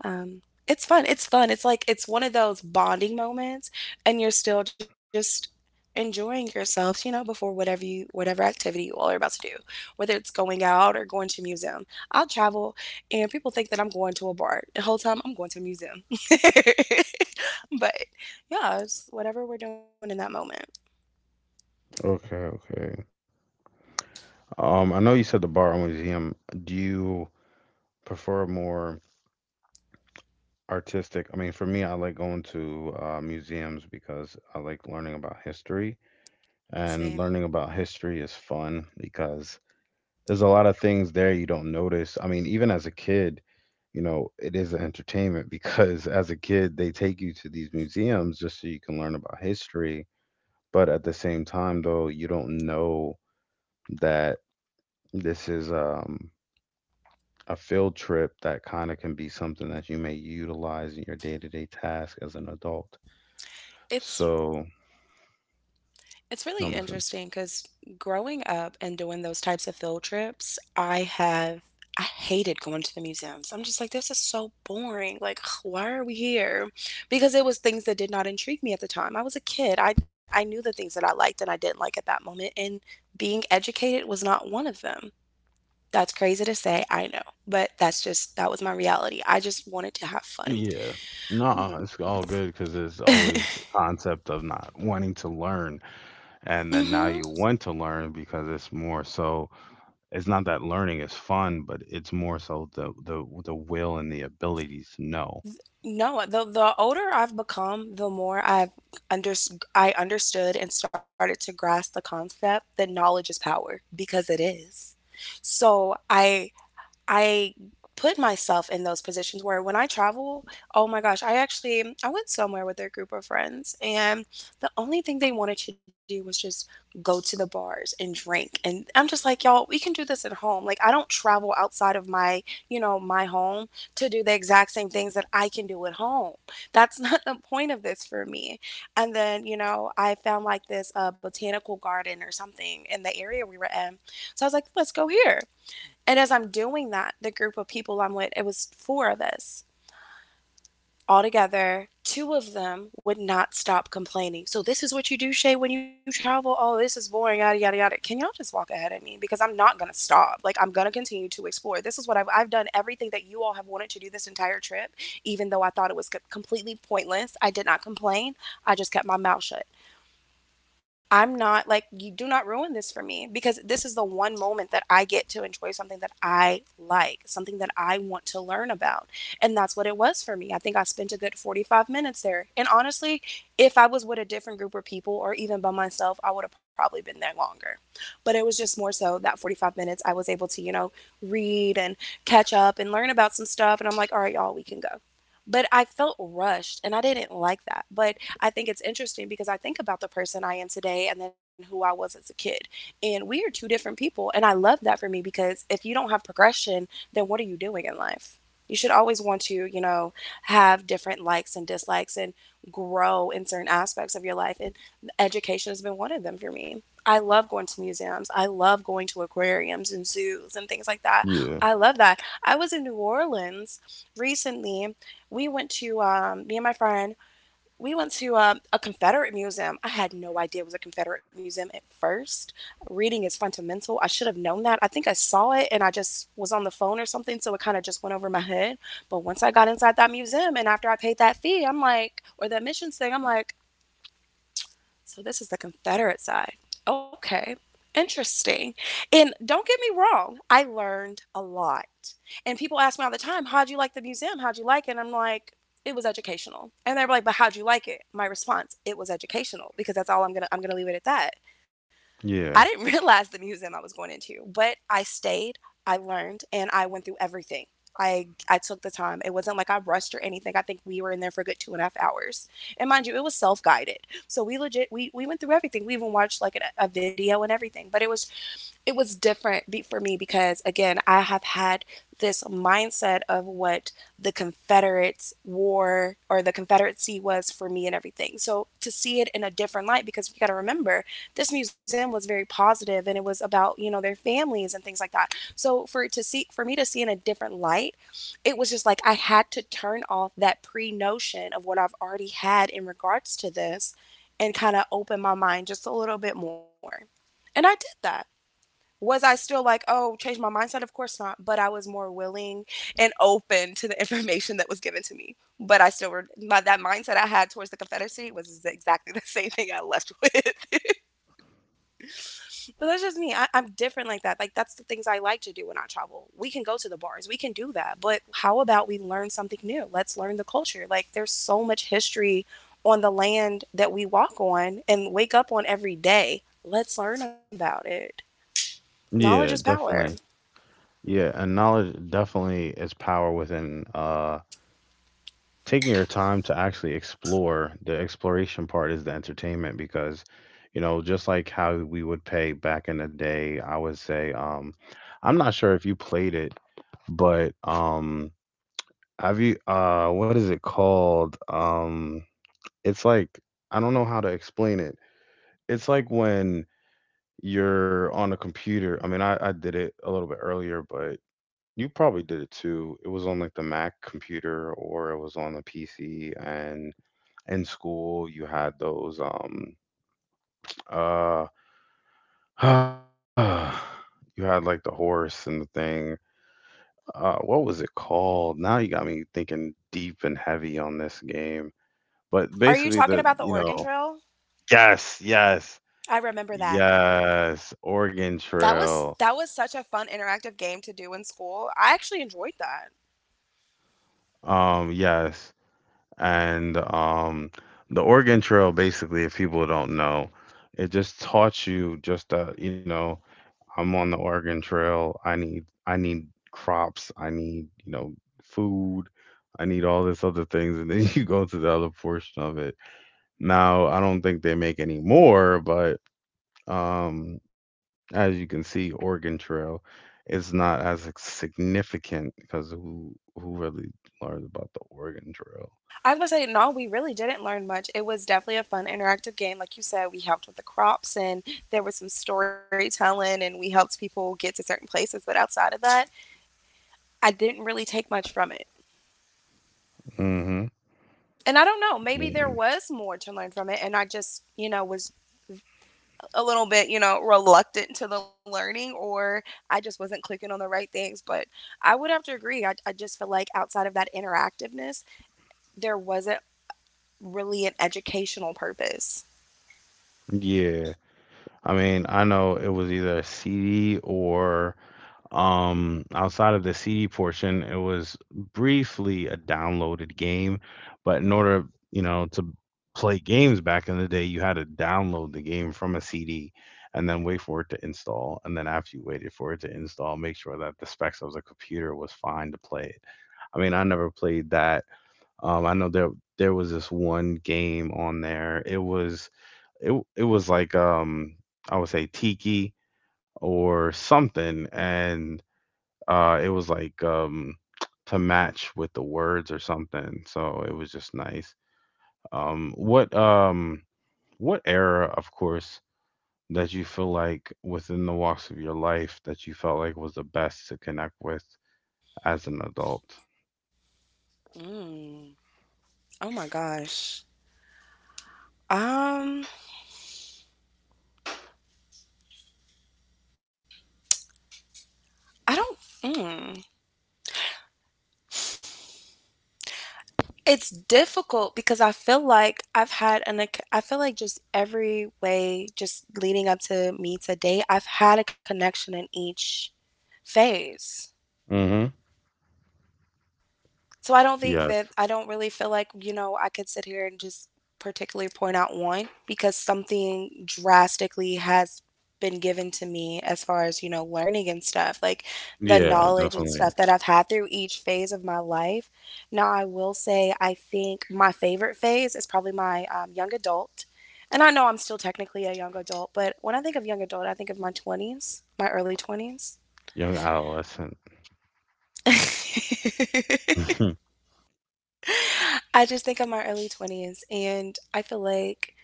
Speaker 2: It's fun. It's fun. It's like it's one of those bonding moments, and you're still just enjoying yourselves, you know, before whatever you whatever activity you all are about to do, whether it's going out or going to a museum. I'll travel, and people think that I'm going to a bar. The whole time I'm going to a museum. *laughs* But yeah, it's whatever we're doing in that moment.
Speaker 1: okay, okay. I know you said the bar or museum. Do you prefer more artistic? I mean, for me, I like going to museums because I like learning about history.
Speaker 2: Same.
Speaker 1: And learning about history is fun because there's a lot of things there you don't notice. I mean, even as a kid, you know, it is an entertainment *laughs* because as a kid, they take you to these museums just so you can learn about history. But at the same time, though, you don't know that this is a field trip that kind of can be something that you may utilize in your day-to-day task as an adult.
Speaker 2: It's
Speaker 1: So,
Speaker 2: It's really
Speaker 1: I'm
Speaker 2: interesting
Speaker 1: listening.
Speaker 2: because growing up and doing those types of field trips, I have I hated going to the museums. I'm just like, this is so boring. Like, *sighs* why are we here? Because it was things that did not intrigue me at the time. I was a kid. I knew the things that I liked and I didn't like at that moment, and being educated was not one of them. That's crazy to say, I know, but that's just that was my reality. I just wanted to have fun.
Speaker 1: Yeah. No, it's all good because it's always the concept of not wanting to learn.
Speaker 2: Mm-hmm.
Speaker 1: And then now you want to learn because it's more so, it's not that learning is fun, but it's more so the the will and the ability to know.
Speaker 2: No, the older I've become, the more I've under I understood and started to grasp the concept that knowledge is power because it is. So I put myself in those positions where when I travel, oh my gosh, I actually I went somewhere with a group of friends, and the only thing they wanted to do was just go to the bars and drink. And I'm just like, y'all, we can do this at home. Like I don't travel outside of my, you know, my home to do the exact same things that I can do at home. That's not *laughs* the point of this for me. And then, you know, I found like this botanical garden or something in the area we were in. So I was like, let's go here. And as I'm doing that, the group of people I'm with, it was four of us all together. Two of them would not stop complaining. So this is what you do, Shay, when you travel. Oh, this is boring, yada yada yada. Can y'all just walk ahead of me? Because I'm not gonna stop. Like I'm gonna continue to explore. This is what I've done everything that you all have wanted to do this entire trip, even though I thought it was completely pointless. I did not complain. I just kept my mouth shut. I'm not like you do not ruin this for me because this is the one moment that I get to enjoy something that I like, something that I want to learn about. And that's what it was for me. I think I spent a good 45 minutes there. And honestly, if I was with a different group of people or even by myself, I would have probably been there longer. But it was just more so that 45 minutes I was able to, you know, read and catch up and learn about some stuff and I'm like, "All right, y'all, we can go." But I felt rushed and I didn't like that. But I think it's interesting because I think about the person I am today and then who I was as a kid. And we are two different people. And I love that for me because if you don't have progression, then what are you doing in life? You should always want to, you know, have different likes and dislikes and grow in certain aspects of your life. And education has been one of them for me. I love going to museums. I love going to aquariums and zoos and things like that.
Speaker 1: Yeah.
Speaker 2: I love that. I was in New Orleans recently. We went to me and my friend. We went to a Confederate museum. I had no idea it was a Confederate museum at first. Reading is fundamental. I should have known that. I think I saw it and I just was on the phone or something, so it kind of just went over my head. But once I got inside that museum and after I paid that fee, I'm like, or that missions thing, I'm like, so this is the Confederate side. Okay, interesting. And don't get me wrong, I learned a lot. And people ask me all the time, how'd you like the museum? How'd you like it? And I'm like, it was educational. And they're like, but how'd you like it? My response, it was educational because that's all I'm gonna leave it at that. I
Speaker 1: Yeah.
Speaker 2: didn't *laughs* realize the museum I was going into, but I stayed, I learned, and I went through everything. I took the time. It wasn't like I rushed or anything. I think we were in there for a good 2.5 hours. And mind you, it was self guided. So we went through everything. We even watched like a video and everything. But it was different for me because again, I have had this mindset of what the Confederates war or the Confederacy was for me and everything. So to see it in a different light, because you got to remember, this museum was very positive and it was about, you know, their families and things like that. So for it to see for me to see in a different light, it was just like I had to turn off that pre notion of what I've already had in regards to this, and kind of open my mind just a little bit more, and I did that was I still like, oh, change my mindset? Of course not. But I was more willing and open to the *laughs* information that was given to me. But I still were my, that mindset I had towards the Confederacy was exactly *laughs* the same thing I left with. *laughs* But that's just me. I'm different like that. Like that's the things I like to do when I travel. We can go to the bars, we can do that. But how about we learn something new? Let's learn the culture. Like there's so much history on the land that we walk on and wake up on every day. Let's learn about it. Knowledge is
Speaker 1: Yeah,
Speaker 2: power.
Speaker 1: definitely. Yeah, and knowledge definitely is power within taking your time to actually explore. The exploration part is the entertainment because you know just like how we would pay back in the day, I would say, I'm not sure if you played it, but have you what is it called, it's like, I don't know how to explain it. It's like when you're on a computer, I mean I did it a little bit earlier, but you probably did it too. It was on like the Mac computer, or it was on the PC. And in school you had those uh *sighs* you had like the horse and the thing. What was it called? Now you got me thinking deep and heavy on this game. But
Speaker 2: Are you
Speaker 1: basically
Speaker 2: talking
Speaker 1: the
Speaker 2: about the
Speaker 1: you
Speaker 2: Oregon
Speaker 1: know,
Speaker 2: Trail?
Speaker 1: yes, yes,
Speaker 2: I remember that.
Speaker 1: yes, Oregon
Speaker 2: That was
Speaker 1: Trail.
Speaker 2: such a fun interactive game to do in school. I actually enjoyed that.
Speaker 1: Yes. And the Oregon Trail, basically, if people don't know, it just taught you just you know, I'm on the Oregon Trail. I need crops. I need you know food. I need all this other things, and then *laughs* you go to the other portion of it. Now I don't think they make any more, but um, as you can see, Oregon Trail is not as significant because who really learns about the Oregon Trail?
Speaker 2: I was gonna say no, we really didn't learn much. It was definitely a fun interactive game, like you said. We helped with the crops, and there was some storytelling, and we helped people get to certain places. But outside of that, I didn't really take much from it.
Speaker 1: hmm
Speaker 2: And I don't know, maybe there
Speaker 1: hmm
Speaker 2: was more to learn from it, and I just you know was a little bit, you know, reluctant to the learning or I just wasn't clicking on the right things. But I would have to agree. I just feel like outside of that interactiveness, there wasn't really an educational purpose.
Speaker 1: Yeah, I mean I know it was either a CD or outside of the CD portion, it was briefly a downloaded game, but in order, you know, to play games back in the day, you had to download the game from a CD and then wait for it to install. And then after you waited for it to install, make sure that the specs of the computer was fine to play it. I mean, I never played that. I know there was this one game on there. It was it was like I would say Tiki or something, and it was like, to match with the words or something, so it was just nice. Um, what, um, what era, of course, that you feel like within the walks of your life that you felt like was the best to connect with as an adult?
Speaker 2: Mm. Oh my gosh. Um, I don't. Mm. It's difficult because I feel like I've had I feel like just every way, just leading up to me today, I've had a connection in each phase.
Speaker 1: hmm
Speaker 2: So I don't think that
Speaker 1: Yes.
Speaker 2: I don't really feel like, I could sit here and just particularly point out one because something drastically has been given to me as far as, learning and stuff, like the
Speaker 1: Yeah,
Speaker 2: knowledge and
Speaker 1: definitely.
Speaker 2: stuff that I've had through each phase of my life. Now, I will say, I think my favorite phase is probably my young adult. And I know I'm still technically a young adult, but when I think of young adult, I think of my 20s, my early 20s.
Speaker 1: Young adolescent.
Speaker 2: *laughs*
Speaker 1: *laughs*
Speaker 2: I just think of my early 20s, and I feel like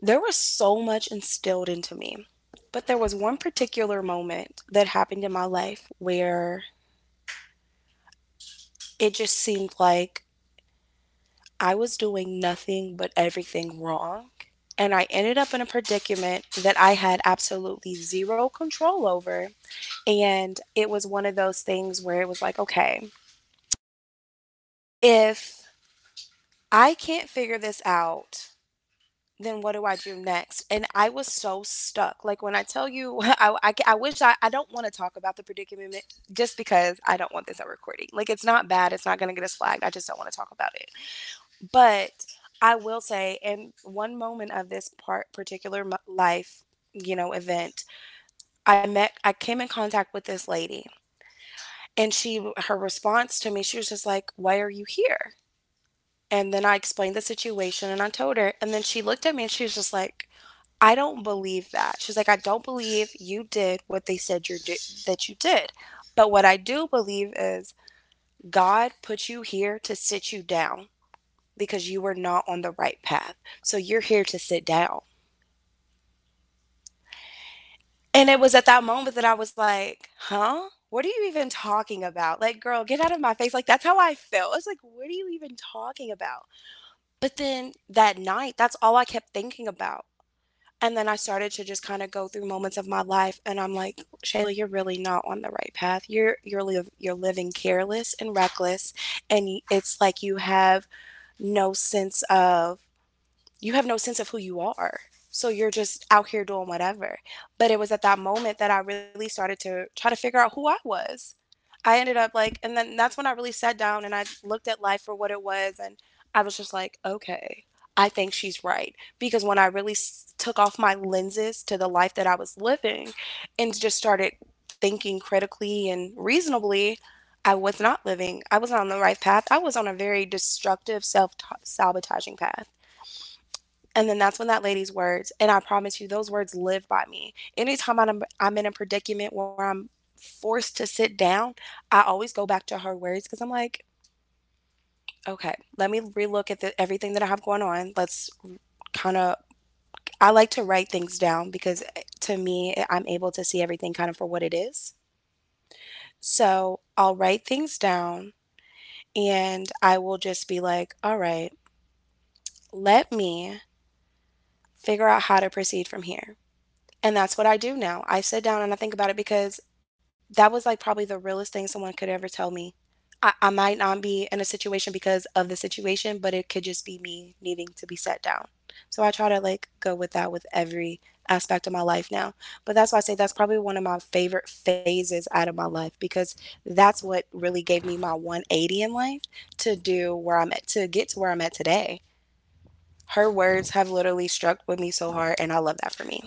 Speaker 2: there was so much instilled into me. But there was one particular moment that happened in my life where it just seemed like I was doing nothing but everything wrong. And I ended up in a predicament that I had absolutely zero control over. And it was one of those things where it was like, okay, if I can't figure this out, then what do I do next? And I was so stuck. Like when I tell you, *laughs* I don't want to talk about the predicament just because I don't want this on recording. Like it's not bad. It's not going to get us flagged. I just don't want to talk about it. But I will say, in one moment of this particular life, event, I came in contact with this lady, and she, her response to me, she was just like, "Why are you here?" And then I explained the situation, and I told her, and then she looked at me, and she was just like, I don't believe that. She's like, I don't believe you did what they said that you did. But what I do believe is God put you here to sit you down because you were not on the right path. So you're here to sit down. And it was at that moment that I was like, huh? What are you even talking about? Like, girl, get out of my face. Like, that's how I felt. It's like, what are you even talking about? But then that night, that's all I kept thinking about. And then I started to just kind of go through moments of my life and I'm like, Shayla, you're really not on the right path. You're living careless and reckless and it's like you have no sense of you have no sense of who you are. So you're just out here doing whatever. But it was at that moment that I really started to try to figure out who I was. I ended up like, And then that's when I really sat down and I looked at life for what it was. And I was just like, okay, I think she's right. Because when I really took off my lenses to the life that I was living and just started thinking critically and reasonably, I was not living, I was not on the right path. I was on a very destructive, self sabotaging path. And then that's when that lady's words, and I promise you, those words live by me. Anytime I'm in a predicament where I'm forced to sit down, I always go back to her words because I'm like, okay, let me relook at everything that I have going on. Kind of, I like to write things down because to me, I'm able to see everything kind of for what it is. So I'll write things down and I will just be like, all right, let me figure out how to proceed from here. And that's what I do now. I sit down and I think about it because that was like probably the realest thing someone could ever tell me. I might not be in a situation because of the situation, but it could just be me needing to be set down. So I try to like go with that with every aspect of my life now. But that's why I say that's probably one of my favorite phases out of my life because that's what really gave me my 180 in life to do where I'm at, to get to where I'm at today. Her words have literally struck with me so hard, and I love that for me.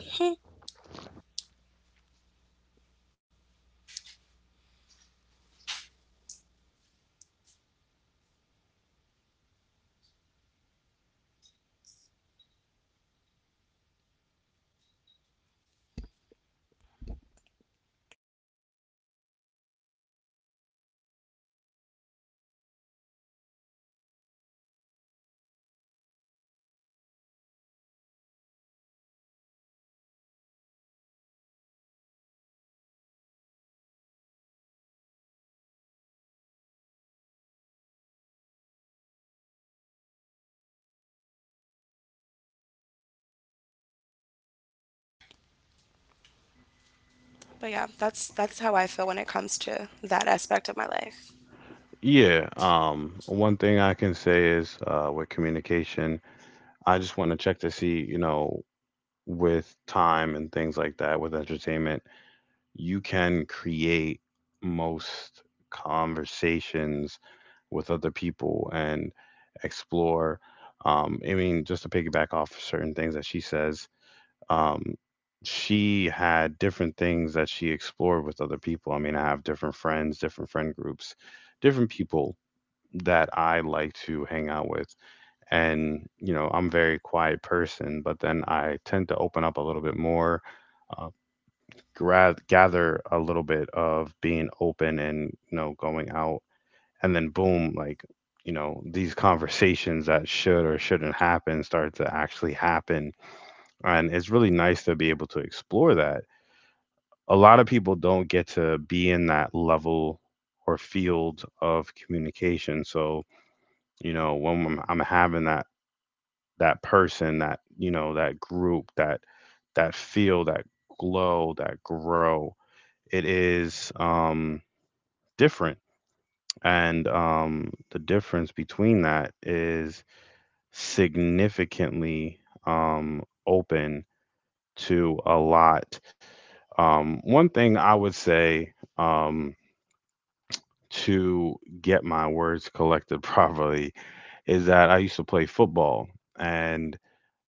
Speaker 2: But yeah, that's how I feel when it comes to that aspect of my life.
Speaker 1: Yeah, one thing I can say is with communication, I just want to check to see, you know, with time and things like that, with entertainment, you can create most conversations with other people and explore. I mean, just to piggyback off certain things that she says, um, she had different things that she explored with other people. I mean, I have different friends, different friend groups, different people that I like to hang out with. And, you know, I'm a very quiet person, but then I tend to open up a little bit more. Uh, gather a little bit of being open and you know going out and then boom, like, you know, these conversations that should or shouldn't happen start to actually happen, and it's really nice to be able to explore that. A lot of people don't get to be in that level or field of communication. So, you know, I'm having that person that, you know, that group, that feel, that glow, that grow, it is different. And the difference between that is significantly open to a lot. One thing I would say, um, to get my words collected *laughs* properly, is that I used to play football. And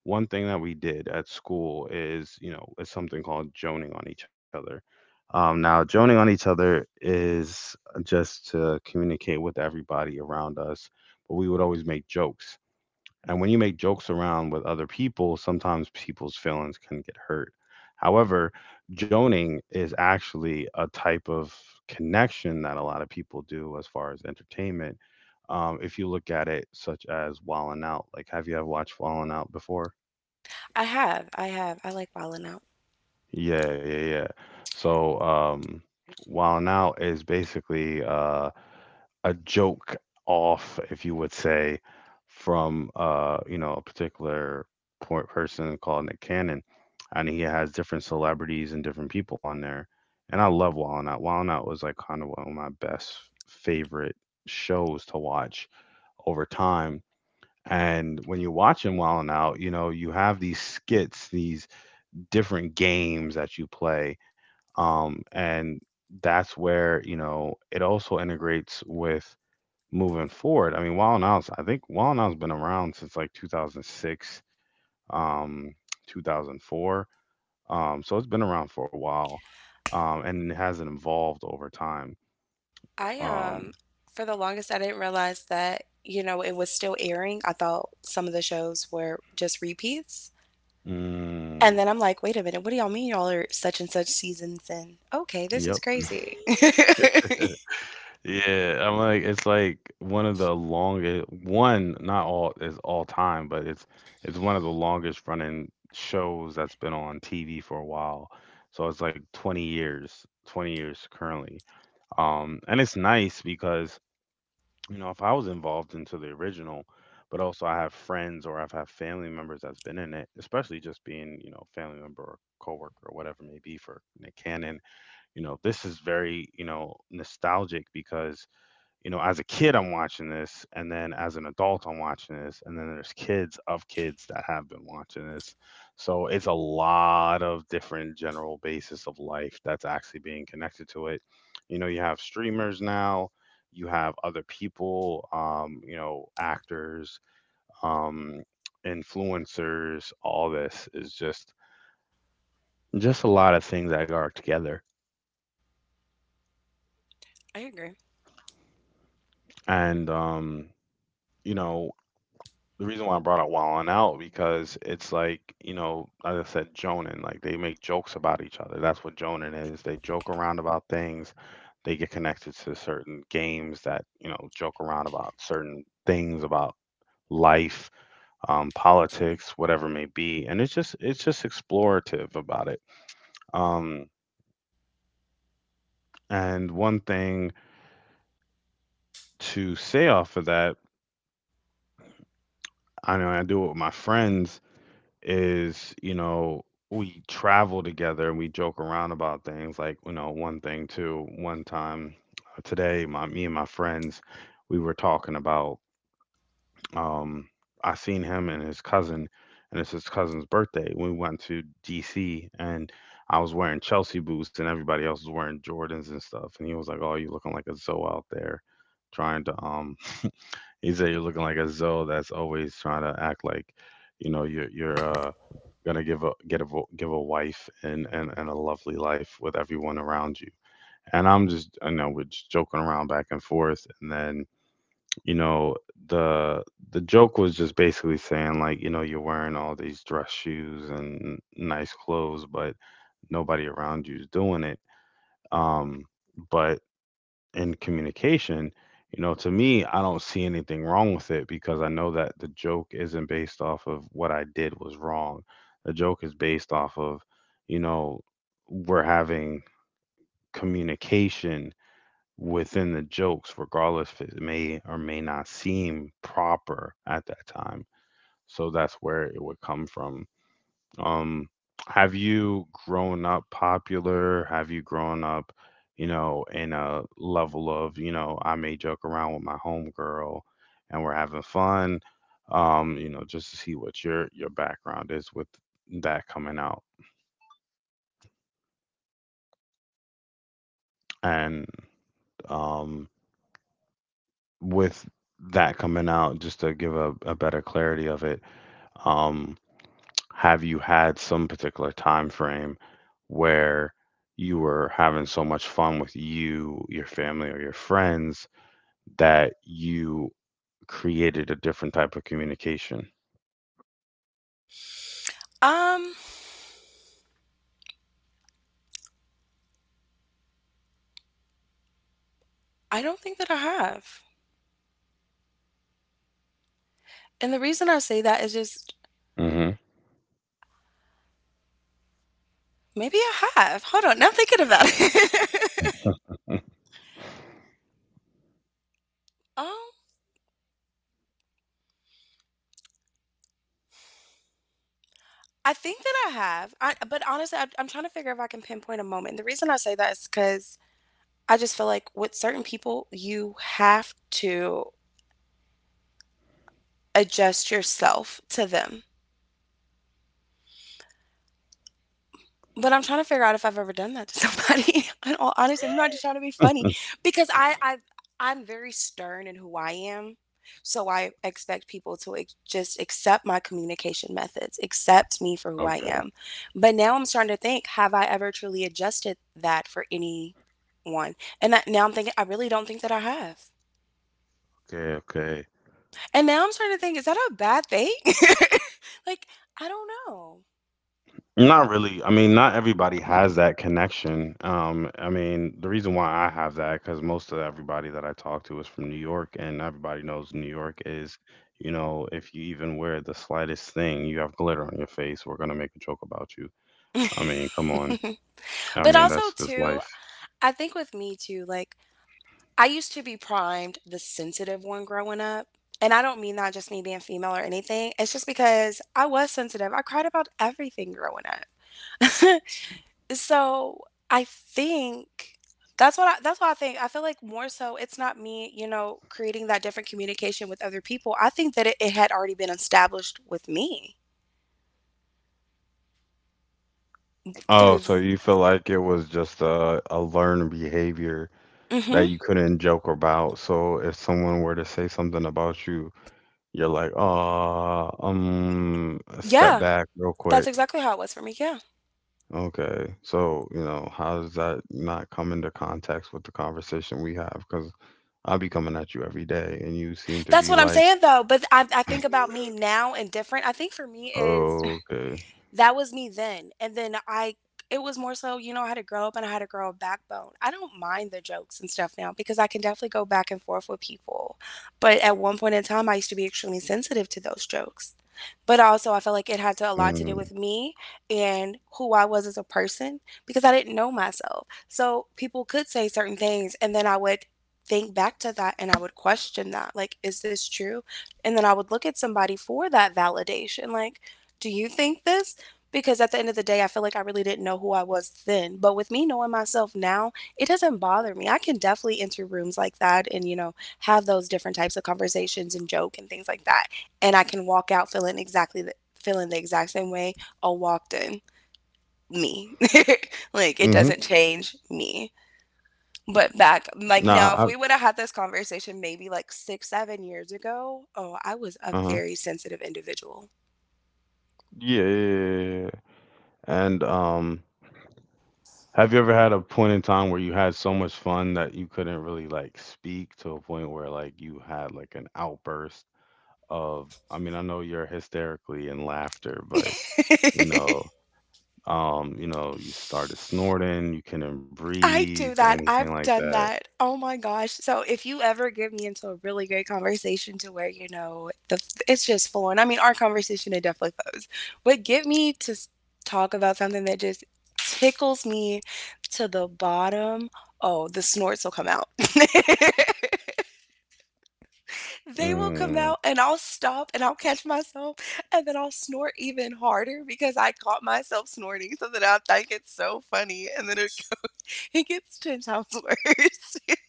Speaker 1: one thing that we did at school is, you know, is something called joning on each other. Now, joning on each other is just to communicate with everybody around us, but we would always make jokes. And when you make jokes around with other people, sometimes people's feelings can get hurt. However, joning is actually a type of connection that a lot of people do as far as entertainment. If you look at it, such as Wallin' Out, like, have you ever watched Wallin' Out before?
Speaker 2: I have, I have, I like wilding out.
Speaker 1: Yeah, yeah, yeah. So, Wild'n Out is basically a joke off, if you would say, from you know, a particular person called Nick Cannon, and he has different celebrities and different people on there. And I love Wild'n Out. Wild'n Out was like kind of one of my best favorite shows to watch over time. And when you're watching Wild'n Out, you know, you have these skits, these different games that you play, and that's where, you know, it also integrates with moving forward. I mean, Wild and Out's been around since like 2006, um, 2004, so it's been around for a while, and it hasn't evolved over time.
Speaker 2: I
Speaker 1: Um,
Speaker 2: for the longest, I didn't realize that it was still airing. I thought some of the shows were just repeats, and
Speaker 1: mm,
Speaker 2: then I'm like, wait a minute, what do y'all mean y'all are such and such seasons? And okay, this is
Speaker 1: yep.
Speaker 2: crazy. *laughs* I
Speaker 1: Yeah, I'm like, it's like one of the longest one, not all is all time, but it's one of the longest running shows that's been on TV for a while. So it's like 20 years, 20 years currently. And it's nice because, you know, if I was involved into the original, but also I have friends, or I've had family members that's been in it, especially just being, you know, family member or coworker or whatever it may be for Nick Cannon, you know, this is very, you know, nostalgic because, you know, as a kid, I'm watching this, and then as an adult, I'm watching this, and then there's kids of kids that have been watching this. So it's a lot of different general basis of life that's actually being connected to it. You know, you have streamers now, you have other people, you know, actors, um, influencers. All this is just a lot of things that are together,
Speaker 2: agree.
Speaker 1: and you know, the reason why I brought up Wall Out because it's like, you know, as I said, Jonin, like they make jokes about each other. That's what Jonin is. They joke around about things. They get connected to certain games that, you know, joke around about certain things about life, politics, whatever it may be. And it's just explorative about it. Um, and one thing to say off of that, I know I do it with my friends, is, you know, we travel together and we joke around about things. Like, you know, one thing too, one time today, my me and my friends, we were talking about um I seen him and his cousin, and it's his cousin's birthday. We went to DC, and I was wearing Chelsea boots and everybody else was wearing Jordans and stuff. And he was like, "Oh, you looking like a Zoe out there trying to *laughs* he said you're looking like a Zoe that's always trying to act like, you know, you're gonna give a wife, and a lovely life with everyone around you." And I know we're just joking around back and forth, and then, you know, the the joke was just basically saying like, you know, you're wearing all these dress shoes and nice clothes, but nobody around you is doing it. Um, but in communication, you know, to me, I don't see anything wrong with it because I know that the joke isn't based off of what I did was wrong. The joke is based off of, you know, we're having communication within the jokes, regardless if it may or may not seem proper at that time. So that's where it would come from. Um, have you grown up popular? Have you grown up, you know, in a level of, you know, I may joke around with my homegirl and we're having fun, you know, just to see what your background is with that coming out. And um with that coming out, just to give a better clarity of it, um have you had some particular time frame where you were having so much fun with you, your family, or your friends that you created a different type of communication?
Speaker 2: Um, I don't think that I have, and the reason I say that is just
Speaker 1: hmm
Speaker 2: maybe I have. Hold on, now I'm thinking about it. *laughs* um. I think that I have. But honestly, I'm trying to figure if I can pinpoint a moment. The reason I say that is because I just feel like with certain people, you have to adjust yourself to them. But I'm trying to figure out if I've ever done that to somebody. *laughs* In all honesty, I'm not just trying to be funny
Speaker 1: *laughs*
Speaker 2: because I'm very stern in who I am. So I expect people to just accept my communication methods, accept me for who I
Speaker 1: okay.
Speaker 2: am. But now I'm starting to think, have I ever truly adjusted that for anyone? And that, now I'm thinking, I really don't think that I have.
Speaker 1: Okay. Okay.
Speaker 2: And now I'm starting to think, is that a bad thing? *laughs* Like, I don't know.
Speaker 1: Not really. I mean, not everybody has that connection. I mean, the reason why I have that, because most of everybody that I talk to is from New York, and everybody knows New York is, you know, if you even wear the slightest thing, you have glitter on your face, we're gonna make a joke about you. I mean, come on. I
Speaker 2: But
Speaker 1: mean,
Speaker 2: also,
Speaker 1: that's just
Speaker 2: too,
Speaker 1: life.
Speaker 2: I think with me, too, like, I used to be primed the sensitive one growing up. And I don't mean not just me being female or anything. It's just because I was sensitive. I cried about everything growing up. *laughs* So I think that's what I think. I feel like more so it's not me, creating that different communication with other people. I think that it had already been established with me
Speaker 1: Oh,
Speaker 2: through.
Speaker 1: so you feel like it was just a learned behavior that
Speaker 2: Hmm.
Speaker 1: you couldn't joke about. So if someone were to say something about you, you're like, step
Speaker 2: Yeah,
Speaker 1: back real
Speaker 2: that's
Speaker 1: quick."
Speaker 2: exactly how it was for me. Yeah,
Speaker 1: Okay. So, you know, how does that not come into context with the conversation we have? Because 'Cause I'll be coming at you every day, and you seem to
Speaker 2: that's
Speaker 1: be
Speaker 2: what I'm
Speaker 1: like,
Speaker 2: saying though. But I think
Speaker 1: *laughs*
Speaker 2: about me now and different. I think for me is.
Speaker 1: "Okay."
Speaker 2: That was me then. And then I It was more so, you know, I had to grow up and I had to grow a backbone. I don't mind the jokes and stuff now because I can definitely go back and forth with people. But at one point in time I used to be extremely sensitive to those jokes. But also, I felt like it a lot to do
Speaker 1: Mm,
Speaker 2: with me and who I was as a person because I didn't know myself. So people could say certain things, and then I would think back to that and I would question that. Like, is this true? And then I would look at somebody for that validation. Like, do you think this? Because at the end of the day, I feel like I really didn't know who I was then. But with me knowing myself now, it doesn't bother me. I can definitely enter rooms like that and, have those different types of conversations and joke and things like that and I can walk out feeling exactly feeling the exact same way I walked in. Me, *laughs* like it
Speaker 1: mhm.
Speaker 2: doesn't change me. But back, like
Speaker 1: Nah,
Speaker 2: now, if we would have had this conversation maybe like 6, 7 years ago, oh, I was
Speaker 1: I
Speaker 2: a
Speaker 1: uh-huh.
Speaker 2: very sensitive individual.
Speaker 1: Yeah, yeah, yeah, yeah. And, have you ever had a point in time where you had so much fun that you couldn't really, like, speak to a point where, like, you had, like, an outburst of, I mean, I know you're hysterically in laughter, but, you know,
Speaker 2: *laughs*
Speaker 1: you know, you started snorting, you couldn't
Speaker 2: I
Speaker 1: breathe,
Speaker 2: do that.
Speaker 1: anything
Speaker 2: I've
Speaker 1: like
Speaker 2: done
Speaker 1: that?
Speaker 2: that. Oh my gosh. So if you ever get me into a really great conversation to where, you know, the it's just flowing. I mean, our conversation it definitely flows. But get me to talk about something that just tickles me to the bottom. Oh, the snorts will come out. *laughs* They will come
Speaker 1: Mm.
Speaker 2: out and I'll stop and I'll catch myself and then I'll snort even harder because I caught myself snorting so that I think it's so funny and then it goes, *laughs* it gets 10 times worse. *laughs*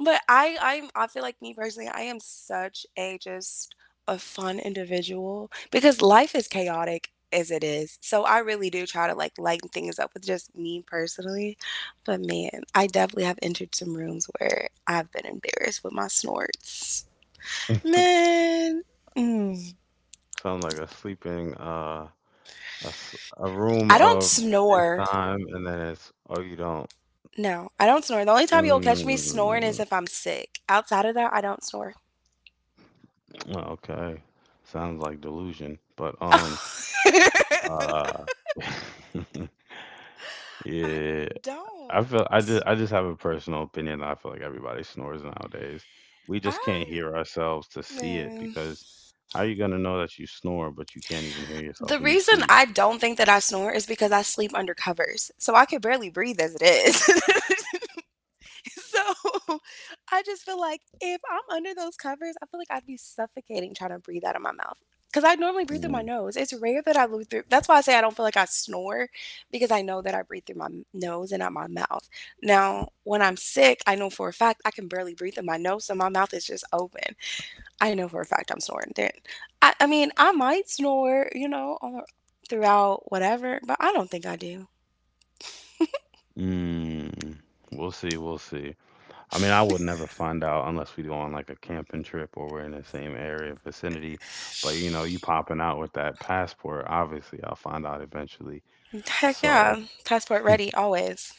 Speaker 2: But I feel like me personally, I am such a just a fun individual because life is chaotic as it is. So I really do try to like lighten things up with just me personally. But man, I definitely have entered some rooms where I've been embarrassed with my snorts.
Speaker 1: *laughs*
Speaker 2: Man, mm.
Speaker 1: Sounds like a sleeping a, a room
Speaker 2: I don't
Speaker 1: of
Speaker 2: snore.
Speaker 1: FaceTime, and then it's, "Oh, you don't."
Speaker 2: No, I don't snore. The only time you'll catch me snoring is
Speaker 1: Mm.
Speaker 2: if I'm sick. Outside of that, I don't snore.
Speaker 1: Well, okay. Sounds like delusion. But
Speaker 2: *laughs*
Speaker 1: um
Speaker 2: I
Speaker 1: uh *laughs* yeah,
Speaker 2: don't.
Speaker 1: I just have a personal opinion that I feel like everybody snores nowadays. We just can't
Speaker 2: I
Speaker 1: hear ourselves to see it,
Speaker 2: Man.
Speaker 1: because how are you gonna know that you snore but you can't even hear
Speaker 2: The
Speaker 1: yourself when you
Speaker 2: reason
Speaker 1: sleep?
Speaker 2: I don't think that I snore is because I sleep under covers, so I can barely breathe as it is. *laughs* *laughs* So *laughs* I just feel like if I'm under those covers, I feel like I'd be suffocating trying to breathe out of my mouth. Because I normally breathe through my
Speaker 1: Mm.
Speaker 2: nose. It's rare that I breathe through. That's why I say I don't feel like I snore because I know that I breathe through my nose and not my mouth. Now, when I'm sick, I know for a fact I can barely breathe in my nose, so my mouth is just open. I know for a fact I'm snoring then. I mean, I might snore, or throughout whatever, but I don't think I do.
Speaker 1: Mm. We'll see, we'll see. I mean, I would never find out unless we go on like a camping trip or we're in the same area vicinity. But you know, you popping out with that passport, obviously I'll find out eventually.
Speaker 2: *laughs* Heck
Speaker 1: So.
Speaker 2: yeah, passport ready always.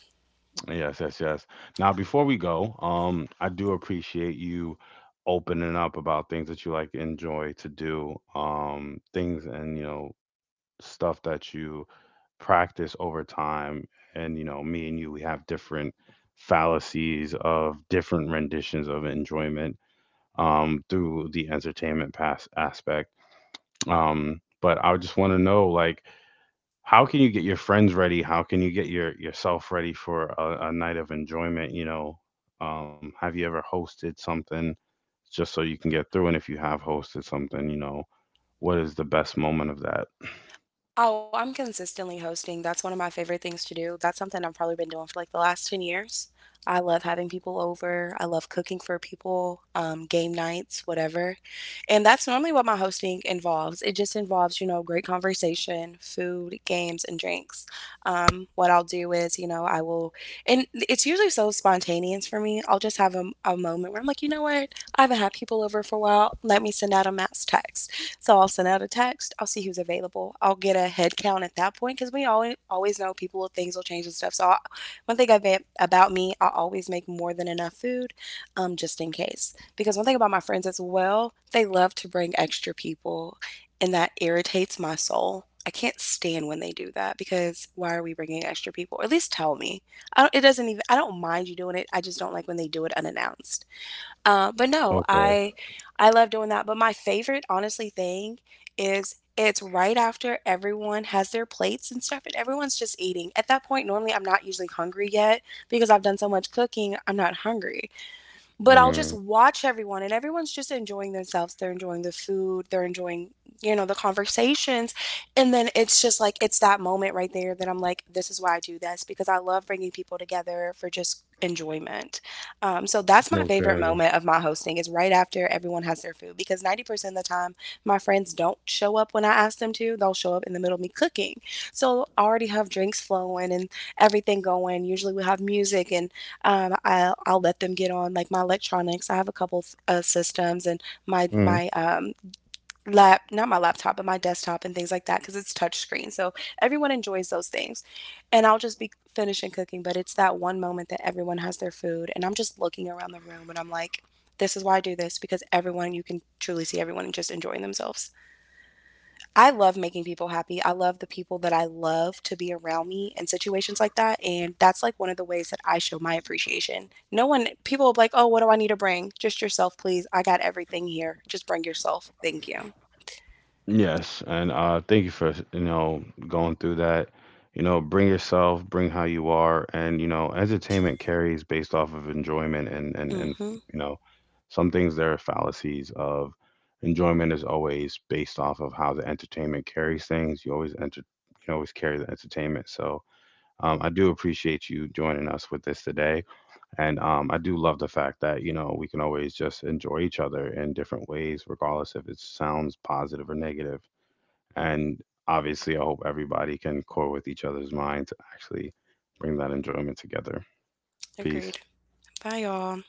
Speaker 1: Yes, yes, yes. Now, before we go, I do appreciate you opening up about things that you like enjoy to do, things and, you know, stuff that you practice over time. And you know, me and you, we have different fallacies of different renditions of enjoyment, through the entertainment pass aspect. But I just want to know, like, how can you get your friends ready? How can you get yourself ready for a night of enjoyment? You know, have you ever hosted something just so you can get through? And if you have hosted something, you know, what is the best moment of that?
Speaker 2: Oh, I'm consistently hosting. That's one of my favorite things to do. That's something I've probably been doing for like the last 10 years. I love having people over. I love cooking for people, game nights, whatever. And that's normally what my hosting involves. It just involves, you know, great conversation, food, games, and drinks. What I'll do is, you know, I will, and it's usually so spontaneous for me. I'll just have a moment where I'm like, you know what? I haven't had people over for a while. Let me send out a mass text. So I'll send out a text. I'll see who's available. I'll get a head count at that point because we always know people things will change and stuff. So I, one thing I've about me, I always make more than enough food, just in case. Because one thing about my friends as well, they love to bring extra people, and that irritates my soul. I can't stand when they do that because why are we bringing extra people? Or at least tell me. I don't, it doesn't even. I don't mind you doing it. I just don't like when they do it unannounced. But no,
Speaker 1: Okay.
Speaker 2: I love doing that. But my favorite, honestly, thing is it's right after everyone has their plates and stuff, and everyone's just eating. At that point, normally I'm not usually hungry yet because I've done so much cooking. I'm not hungry, but I'll just
Speaker 1: Mm,
Speaker 2: watch everyone and everyone's just enjoying themselves. They're enjoying the food, they're enjoying, you know, the conversations. And then it's just like it's that moment right there that I'm like this is why I do this because I love bringing people together for just enjoyment. So that's my favorite
Speaker 1: okay.
Speaker 2: moment of my hosting is right after everyone has their food because 90% of the time my friends don't show up when I ask them to. They'll show up in the middle of me cooking. So I already have drinks flowing and everything going. Usually we have music and I'll let them get on like my electronics. I have a couple systems and my
Speaker 1: Mm.
Speaker 2: my lap not my laptop but my desktop and things like that because it's touch screen. So everyone enjoys those things, and I'll just be finishing cooking. But it's that one moment that everyone has their food, and I'm just looking around the room and I'm like, this is why I do this because everyone you can truly see everyone just enjoying themselves. I love making people happy. I love the people that I love to be around me in situations like that. And that's like one of the ways that I show my appreciation. No one, people will be like, oh, what do I need to bring? Just yourself, please. I got everything here. Just bring yourself. Thank you.
Speaker 1: Yes, and thank you for, you know, going through that. You know, bring yourself, bring how you are, and you know, entertainment carries based off of enjoyment, and and
Speaker 2: Mm
Speaker 1: and
Speaker 2: hmm.
Speaker 1: you know, some things, there are fallacies of enjoyment, is always based off of how the entertainment carries things. You always carry the entertainment. So I do appreciate you joining us with this today, and I do love the fact that you know we can always just enjoy each other in different ways, regardless if it sounds positive or negative, and obviously, I hope everybody can core with each other's mind to actually bring that enjoyment together. Peace.
Speaker 2: Agreed. Bye, y'all.